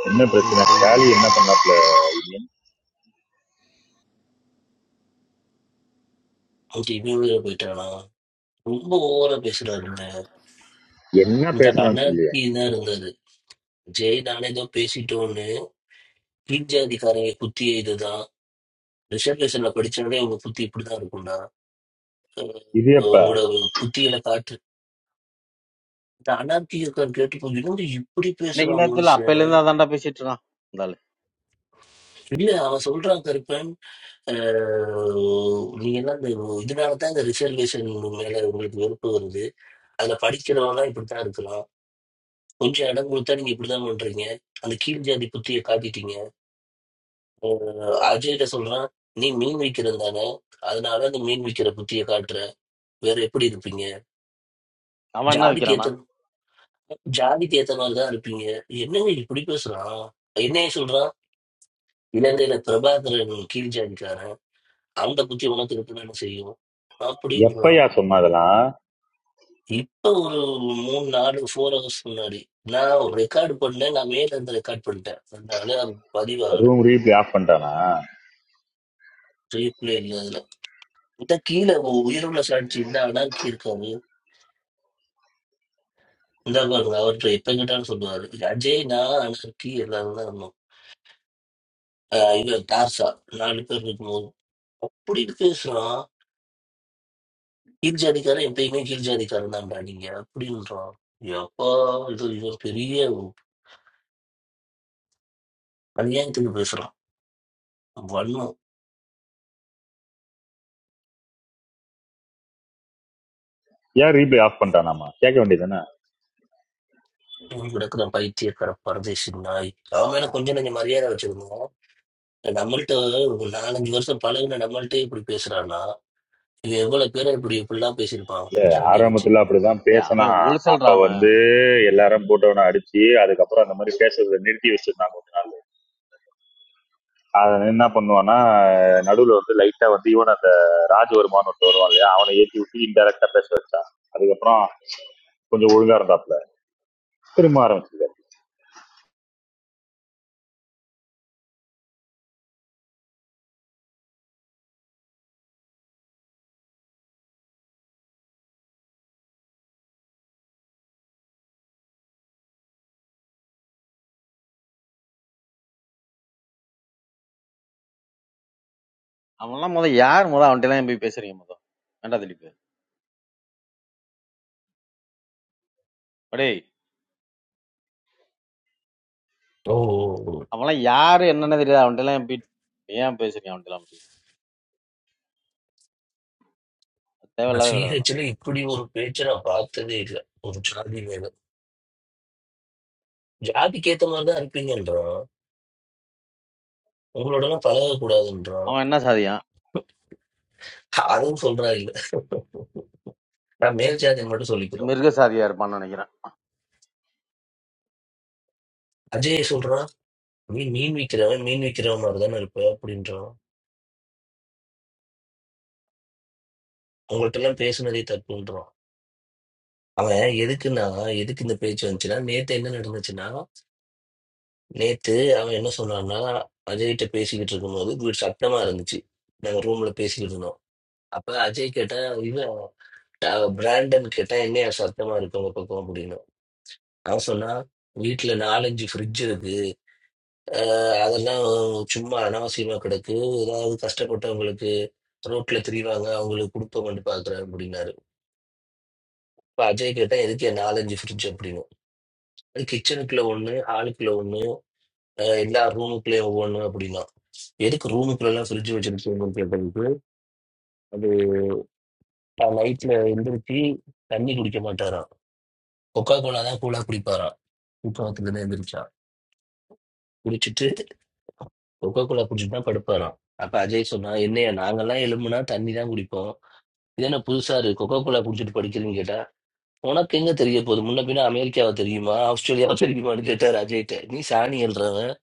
என்ன Ah, ok, பிரச்சனை ஸ்டாலி என்ன பண்ணாப்ல வில்லியம்? ஓகே இவ்வளவு போயிட்டானா ரொம்ப ஓவரா பேசுறாருங்க என்ன இந்த பேசினான்னு சொல்லியா அனர்த்தி தான் இருந்தது ஜெய் நானே ஏதோ பேசிட்டோன்னு கீழ் ஜாதிக்காரங்க புத்தியே இதுதான் ரிசர்வேஷன்ல படிச்சாலே உங்க புத்தி இப்படிதான் இருக்கும்டா இது அஹ் எப்ப உங்களோட புத்தியில காட்டு இந்த அனார்கி இருக்கான்னு கேட்டு போய் இன்னொரு இப்படி இன்னைக்கு பேசுறான் நேரத்துல மனுஷன் அப்பையில இருந்து அதான்டா பேசிட்டு இருக்கான் இந்த ஆளு. இல்ல அவன் சொல்றான் கருப்பன் ஆஹ் நீங்க எல்லாம் இந்த இதனாலதான் இந்த ரிசர்வேஷன் மேல உங்களுக்கு வெறுப்பு வருது அதுல படிக்கிறவங்க எல்லாம் இப்படித்தான் இருக்கலாம் கொஞ்சம் இடம் கொடுத்தா நீங்க இப்படிதான் பண்றீங்க அந்த கீழ் ஜாதி புத்தியை காட்டிட்டீங்க ஆஹ் அஜய்கிட்ட சொல்றான் நீ மீன் விக்கிறது தானே அதனால அந்த மீன் விக்கிற புத்தியை காட்டுற வேற எப்படி இருப்பீங்க அவன் என்ன ஜாதிக்கு விக்கிறானா ஏத்த ஜாதிக்கு ஏத்த மாதிரி தான் இருப்பீங்க என்னங்க இப்படி பேசுறான் என்னைய சொல்றான் இலங்கையில பிரபாகரன் கீழ் ஜாதிக்காரன் அந்த புத்தி உனக்கு இருக்கணும்னு செய்யும் அப்படின்னு எப்பயா சொன்ன அதெல்லாம் இப்போ ஒரு மூணு நாலு ஃபோர் ஹவர்ஸ் முன்னாடி நான் ஒரு ரெக்கார்டு பண்ணேன் நான் மேல இருந்து ரெக்கார்ட் பண்ணிட்டேன் அதனால அது பதிவாகல ரூம் ரீப்ளே ஆஃப் பண்ணிட்டானா ரீப்ளே இல்லை அதுல இந்த கீழே உ- உயிருள்ள சாட்சி இந்த அனாக்கி இருக்காரு இந்த பாருங்க அவர்கிட்ட எப்ப கேட்டாலும் சொல்லுவாரு அஜய் நான் அனாக்கி எல்லாரும் தான் இருந்தோம் ஆஹ் இவன் டார்சா நாலு பேர் இருக்கும்போது அப்படின்னு பேசுறான் கீழ் ஜாதிக்காரன் எப்பயுமே கீழ் ஜாதிக்காரன் தான்டா நீங்க அப்படின்றான் எப்பா இது இவர் பெரிய அநியாயத்துக்கு பேசுறான் வன்மம் ஏன் ரீப்ளே ஆஃப் பண்ணிட்டானாமா கேட்க வேண்டியதுதானே உன் கூட இருக்கிற பைத்தியக்கார பரதேசி நாய் அவன் மேல கொஞ்சம் கொஞ்சம் மரியாதை வச்சிருந்தோம் நம்மள்ட்ட ஒரு நாலஞ்சு வருஷம் பழகுன நம்மள்ட்டே இப்படி பேசுறானா இவன் எவ்வளவு பேரை இப்படி இப்படிலாம் பேசியிருப்பான் சாதியை வச்சு ஆரம்பத்துல அப்படிதான் ஏய் பேசினா அவன் அப்ப ஒழுசல்றா அவன் வந்து எல்லாரும் போட்டவன அடிச்சு அதுக்கப்புறம் அந்த மாதிரி பேசுறதை நிறுத்தி வச்சிருந்தாங்க அதை என்ன பண்ணுவான்னா நடுவுல வந்து லைட்டா வந்து இவன் அந்த ராஜவர்மான்னு ஒருத்தர் வருவான் இல்லையா அவனை ஏற்றி விட்டு இன்டெரக்டா பேச வச்சான் அதுக்கப்புறம் கொஞ்சம் ஒழுங்கா இருந்தாப்ல திரும்ப ஆரம்பிச்சு அவன்லாம் முத யார் முத அவன்கிட்ட எல்லாம் போய் பேசுறீங்க முத வேண்டாம் திடீப்பு அடே ஓ ஓ, ஓ. அவன்லாம் யாரு என்னன்னு தெரியாது அவன்கிட்ட எல்லாம் போய் ஏன் பேசுறீங்க அவன்கிட்ட எல்லாம். நான் தேவையில்லாத வேலை அதெல்லாம் சிஹெச்ல இப்படி ஒரு பேச்சை நான் பார்த்ததே இல்லை ஒரு ஜாதி மேல ஜாதிக்கு ஏத்த மாதிரி தான் இருப்பீங்கன்றான் உங்களோட எல்லாம் பழக கூடாதுன்றான் அவன் என்ன சாதியான் அதுவும் சொல்றா இல்ல நான் மேல் ஜாதி மட்டும் சொல்லிக்கிறோம் மிருக சாதியா இருப்பான்னு நினைக்கிறேன் அஜய் சொல்றான் நீ மீன் விக்கிறவன் மீன் விக்கிறவன் மாதிரி தானே இருப்ப அப்படின்றான் உங்கள்ட்ட எல்லாம் பேசுனதே தப்புன்றான் அவன் எதுக்குன்னா எதுக்கு இந்த பேச்சு வந்துச்சுன்னா நேத்து என்ன நடந்துச்சுன்னா நேத்து அவன் என்ன சொன்னான்னா அஜய்கிட்ட பேசிக்கிட்டு இருக்கும்போது வீடு சத்தமா இருந்துச்சு நாங்க ரூம்ல பேசிக்கிட்டு இருந்தோம் அப்ப அஜய் கேட்டா இவன் ட- பிராண்டன் கேட்டா என்ன சத்தமா இருக்கு உங்க பக்கம் அப்படின்னு அவன் சொன்னா வீட்டுல நாலஞ்சு ஃப்ரிட்ஜ் இருக்கு அஹ் அதெல்லாம் சும்மா அனாவசியமா கிடக்கு ஏதாவது கஷ்டப்பட்டவங்களுக்கு ரோட்ல திரிவாங்க அவங்களுக்கு கொடுப்போம்னு பாக்குறேன் அப்படின்னாரு இப்ப அஜய் கேட்டா எதுக்கு நாலஞ்சு ஃப்ரிட்ஜ் அப்படின்னு அது கிச்சனுக்குள்ள ஒன்று ஹாலுக்குள்ள ஒன்று எல்லா ரூமுக்குள்ளேயும் ஒவ்வொன்று அப்படின்னா எதுக்கு ரூமுக்குள்ளெல்லாம் ஃப்ரிட்ஜ் வச்சிருக்கீங்கன்னு கேட்டதுக்கு அது நைட்ல எந்திரிச்சு தண்ணி குடிக்க மாட்டாராம் கொக்கா கோலா தான் கூலா குடிப்பாராம் தூக்கத்துலேருந்து எந்திரிச்சா குடிச்சிட்டு கொக்கோ கோலா குடிச்சிட்டு தான் படுப்பாராம் அப்ப அஜய் சொன்னா என்னையா நாங்கெல்லாம் எலும்புனா தண்ணி தான் குடிப்போம் இது என்ன புதுசா இருக்கு கொக்கோ கோலா குடிச்சிட்டு படிக்கிறீன்னு கேட்டா உனக்கு எங்க தெரிய போகுது முன்ன பின்ன அமெரிக்காவை தெரியுமா ஆஸ்திரேலியாவை தெரியுமான்னு கேட்டார் அஜய்கிட்ட நீ சாணி எழுறவன்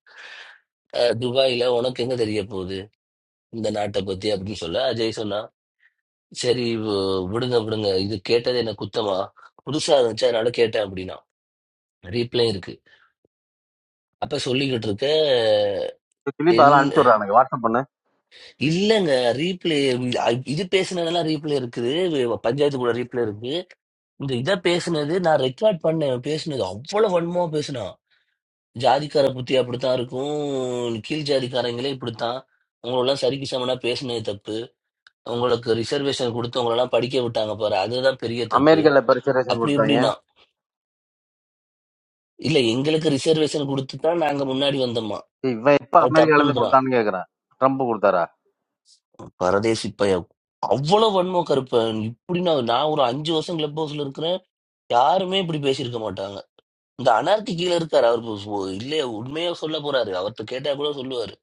அஹ் துபாயில உனக்கு எங்க தெரிய போகுது இந்த நாட்டை பத்தி அப்படின்னு சொல்ல அஜய் சொன்னா சரி வு- விடுங்க விடுங்க இது கேட்டது என்ன குத்தமா புதுசா இருந்துச்சு அதனால கேட்டேன் அப்படின்னா ரீப்ளே இருக்கு அப்ப சொல்லிக்கிட்டு இருக்க சரி, திலீப் அதெல்லாம் என்- அனுப்பிச்சுடுறான் எனக்கு வாட்ஸ்அப் பண்ணு இல்லங்க ரீப்ளே இது பேசுனதெல்லாம் ரீப்ளே இருக்குது வி- பஞ்சாயத்து கூட ரீப்ளே இருக்கு இந்த இதை பேசுனது நான் ரெக்கார்ட் பண்ணேன் பேசுனது அவ்வளவு வன்மமா பேசுனா ஜாதிக்கார புத்தி அப்படித்தான் இருக்கும் கீழ் ஜாதிக்காரங்களே இப்படித்தான் அவங்களெல்லாம் சரிக்கு சமனா பேசுனது தப்பு உங்களுக்கு ரிசர்வேஷன் கொடுத்து உங்களெல்லாம் படிக்க விட்டாங்க பாரு அதுதான் பெரிய தப்பு அமெரிக்கால பரிசரேஷன் அப்படி கொடுத்தாங்க இப்படின்னா இல்ல எங்களுக்கு ரிசர்வேஷன் கொடுத்து தான் நாங்க முன்னாடி வந்தோமா சரி, இவன் எப்ப அது அமெரிக்கால இருந்து தப்புன்றான் கொடுத்தான்னு கேக்குறான் ட்ரம்ப் கொடுத்தாரா பரதேசி பைய அவ்வளவு வன்மம் கருப்பன் இப்படி நான் நான் ஒரு அஞ்சு வருஷம் கிளப் ஹவுஸ்ல இருக்கிறேன் யாருமே இப்படி பேசியிருக்க மாட்டாங்க இந்த அனார்கி கீழே இருக்காரு அவர் பு- பு- இல்லையே உண்மையா சொல்ல போறாரு அவர்கிட்ட கேட்டா கூட சொல்லுவாரு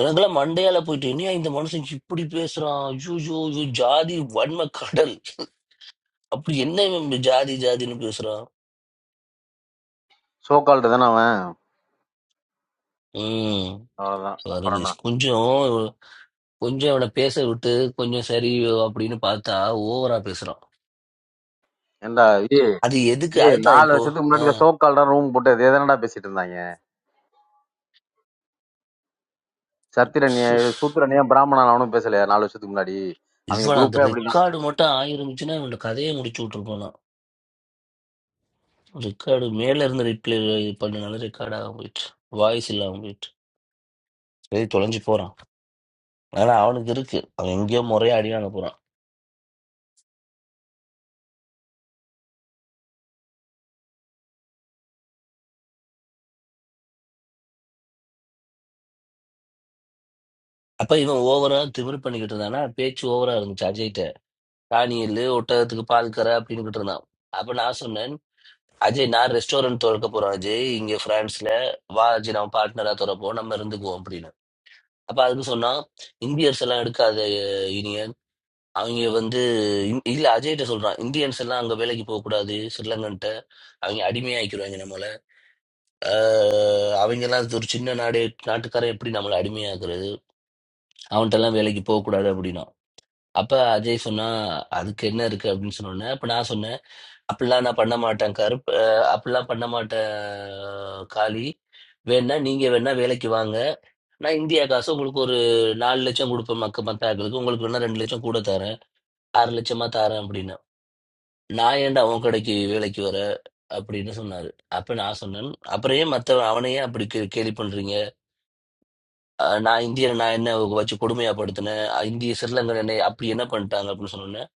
எனக்கெல்லாம் மண்டையால போயிட்டு என்னையா இந்த மனுஷன் இப்படி பேசுறான் ஐயோ ஜாதி வன்ம கடல் அப்படி என்ன இவன் இப்படி ஜாதி ஜாதின்னு பேசுறான் சோக்கால்டு தானே அவன் உம் அவ்வளவுதான் அப்புறம் வருகீஷ் என்ன கொஞ்சம் கொஞ்சம் அவனை பேச விட்டு கொஞ்சம் சரி அப்படின்னு பார்த்தா ஓவரா பேசுறான் ஏண்டா ஏ அது எதுக்கு ஏ அதுதான் நாலு இப்போ வருஷத்துக்கு முன்னாடி ஆஹ் சோக்கால்டா ரூம் போட்டு அதே தானடா பேசிட்டு இருந்தாங்க சத்திரனியா சுஸ். சூத்திரனியா பிராமணன் அவனும் பேசலையா நாலு வருஷத்துக்கு முன்னாடி அவங்க இவன் அந்த குரூப்பே அப்படிதான் ரெக்கார்டு மட்டும் ஆயிருந்துச்சுன்னா இவனோட கதையை முடிச்சு விட்டுருப்பானா ரெக்கார்டு மேல இருந்து ரிப்ளை பண்ணனால ரெக்கார்ட் ஆக போயிட்டு வாய்ஸ் இல்லாம போயிட்டு சரி தொலைஞ்சு போறான் ஆனா அவனுக்கு இருக்கு அவன் எங்கேயோ முறையா அடியான போறான் அப்ப இவன் ஓவரா திமிரு பண்ணிக்கிட்டு இருந்தானா பேச்சு ஓவரா இருந்துச்சு அஜய்கிட்ட ராணியில் ஒட்டகத்துக்கு பால் கற அப்படின்னுகிட்டு இருந்தான் அப்ப நான் சொன்னேன் அஜய் நான் ரெஸ்டாரண்ட் திறக்க போறேன் அஜய் இங்க பிரான்ஸ்ல வா அஜய் நம்ம பார்ட்னரா திறப்போம் நம்ம இருந்துக்குவோம் அப்படின்னு அப்ப அதுக்கு சொன்னா இந்தியர்ஸ் எல்லாம் எடுக்காத யூனியன் அவங்க வந்து இந்- இல்ல அஜய்கிட்ட சொல்றான் இந்தியன்ஸ் எல்லாம் அங்க வேலைக்கு போக கூடாது ஸ்ரீலங்கன்ட்ட அவங்க அடிமையாக்கிடுவாங்க நம்மள ஆஹ் அவங்க எல்லாம் ஒரு சின்ன நாடு நாட்டுக்காரன் எப்படி நம்மள அடிமையாக்குறது அவன்கிட்ட எல்லாம் வேலைக்கு போக கூடாது அப்படின்னா அப்ப அஜய் சொன்னா அதுக்கு என்ன இருக்கு அப்படின்னு சொன்னோன்னே அப்ப நான் சொன்னேன் அப்படிலாம் நான் பண்ண மாட்டேன் கருப்பு அஹ் அப்படிலாம் பண்ண மாட்டேன் காளி வேணா நீங்க வேணா வேலைக்கு வாங்க நான் இந்தியா காசு உங்களுக்கு ஒரு நாலு லட்சம் கொடுப்பேன் மக்க மத்த ஆட்களுக்கு உங்களுக்கு வேணா ரெண்டு லட்சம் கூட தரேன் ஆறு லட்சமா தரேன் அப்படின்னு நான் ஏன்டா அவன் கடைக்கு வேலைக்கு வர அப்படின்னு சொன்னாரு அப்ப நான் சொன்னேன் அப்புறம் ஏன் மத்த அவனையே அப்படி கே- கேலி பண்றீங்க அஹ் நான் இந்தியனை நான் என்ன வச்சு கொடுமையா படுத்தினேன் அஹ் இந்திய சிறிலங்கன் என்னை அப்படி என்ன பண்ணிட்டாங்க அப்படின்னு சொன்னேன்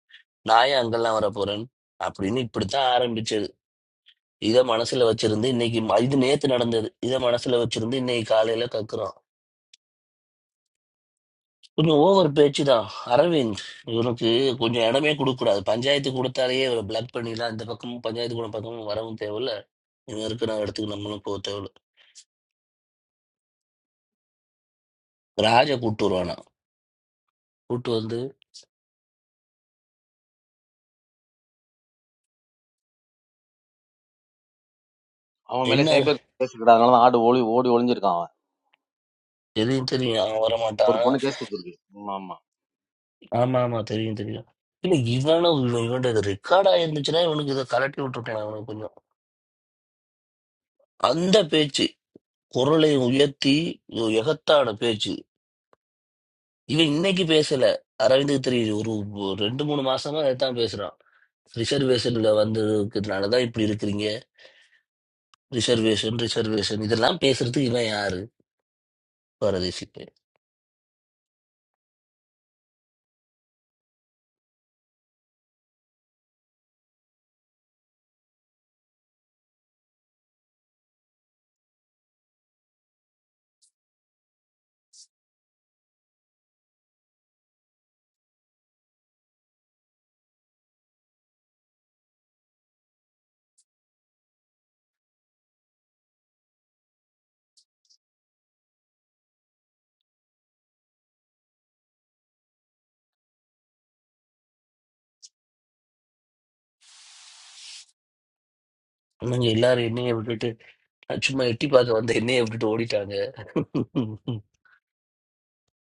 நான் ஏன் அங்கெல்லாம் வர போறேன் அப்படின்னு இப்படித்தான் ஆரம்பிச்சு இதை மனசுல வச்சிருந்து இன்னைக்கு ம- இது நேத்து நடந்தது இதை மனசுல வச்சிருந்து இன்னைக்கு காலையில கக்குறான் கொஞ்சம் ஓவர் பேச்சு தான் அரவிந்த் இவனுக்கு கொஞ்சம் இடமே கொடுக்கக்கூடாது பஞ்சாயத்து கொடுத்தாலேயே இவரை பிளாக் பண்ணிடலாம் இந்த பக்கமும் பஞ்சாயத்து கூட பக்கமும் வரவும் தேவையில்ல இவன் இருக்கிற இடத்துக்கு நம்மளும் போக தேவையில்ல ராஜா கூட்டு வருவானா கூட்டு வந்து அவன் மேலே என்ன சைபர் கேஸ் இருக்கு அதனாலதான் ஆடு ஓடி ஓடி ஒளிஞ்சிருக்கான் அவன் எதையும் தெரியும் அவன் ஒரு வரமாட்டான் பொண்ணு கேஸ் கொடுத்துருக்கு ஆமா ஆமா ஆமா ஆமா தெரியும் தெரியும் இல்ல இவனும் இவன் இவன்ட இது ரெக்கார்ட் ஆயிருந்துச்சுன்னா இவனுக்கு இதை கலட்டி விட்டுருக்கலாம் இவனுக்கு கொஞ்சம் அந்த பேச்சு குரலை உயர்த்தி எகத்தான பேச்சு இவன் இன்னைக்கு பேசல அரவிந்த் திரி ஒரு ஒரு ரெண்டு மூணு மாசமா தான் பேசுறான் ரிசர்வேஷன்ல வந்ததுக்குனாலதான் இப்படி இருக்கிறீங்க ரிசர்வேஷன் ரிசர்வேஷன் இதெல்லாம் பேசுறதுக்கு இவன் யாரு பாரதேசி பையன். நீங்க எல்லாரும் என்னைய விட்டுட்டு நான் சும்மா எட்டி பார்க்க வந்த என்னைய விட்டுட்டு ஓடிட்டாங்க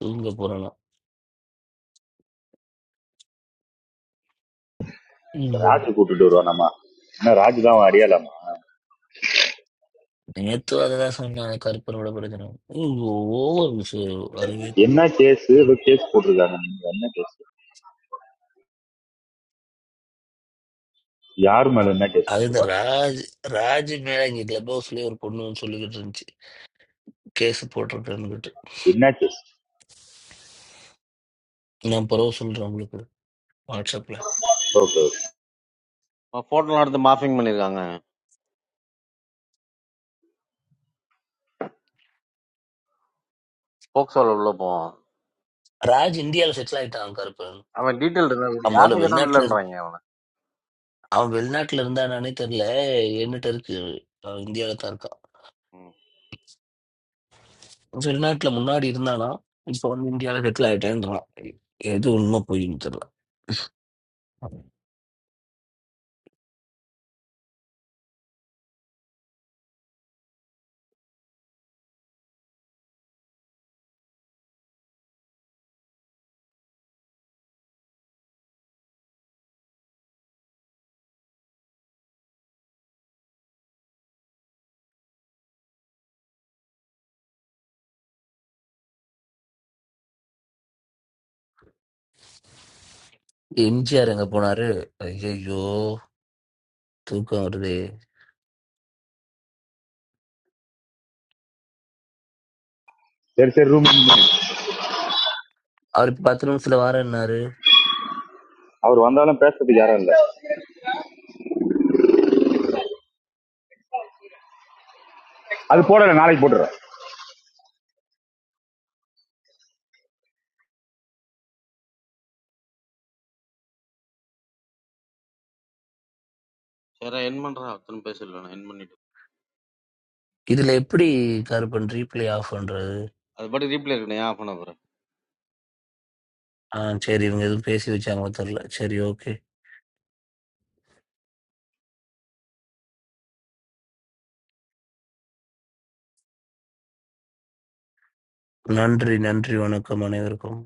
தூங்க போறலாம் ராஜு கூட்டிட்டு வருவோம் நம்ம ஆனா ராஜு தான் அவன் அறியலாமா நேத்து அததான் சொன்னாங்க கருப்பனோட பிரச்சனை ஓவர் மிஸ் அரவிந்த் என்ன கேஸ் ஏதோ கேஸ் போட்டிருக்காங்க நீங்க என்ன கேஸ் யார் மேல என்ன கேஸ் அது இந்த போட்டிருக்கா ராஜ் ராஜ் மேல இங்க கிளப் ஹவுஸ்லயே ஒரு பொண்ணுன்னு சொல்லிக்கிட்டு இருந்துச்சு கேஸ் போட்டிருக்கேன்னு என்ன கேஸ் நான் பரவ சொல்றேன் உங்களுக்கு வாட்ஸ்அப்ல ஓகே ஓகே போட்டோலாம் எடுத்து மாஃபிங் பண்ணிருக்காங்க போக்சோல உள்ள போவோம் ராஜ் இந்தியாவில் செட்டில் ஆயிட்டான் கருப்பு அவன் டீட்டெயில் இருந்தா கொடு. அவன் முதல்ல யார்கிட்ட கேட்டாலும் வெளிநாட்டுல இரு- இல்லைன்றாங்க அவனை அவன் வெளிநாட்டுல இருந்தானானே தெரியல என்னட்ட இருக்கு அவன் இந்தியாவில தான் இருக்கான் ம். வெளிநாட்டுல முன்னாடி இருந்தானா இப்போ வந்து இந்தியாவில் செட்டில் ஆயிட்டேன்றான் எது உண்மை பொய்ன்னு தெரியல எம்ஜிஆர் எங்க போனாரு ஐயோ தூக்கம் வருதே சரி சரி ரூம் அவர் இப்ப பத்து நிமிஷத்துல வாரேன்னாரு அவர் வந்தாலும் பேசுறதுக்கு யாரும் இல்ல அது போடல நாளைக்கு போட்டுறேன் சரி என் பண்றா அத்தனை பேச இல்லைண்ணா என் பண்ணிட்டு இதுல எப்படி கருப்பன் ரீப்ளே ஆஃப் பண்றது அது பாட்டு ரீப்ளே இருக்கணும் ஏன் ஆஃப் பண்ண போற ஆ சரி இவங்க எதுவும் பேசி வச்சாங்களோ தெரியல சரி ஓகே நன்றி நன்றி வணக்கம் அனைவருக்கும்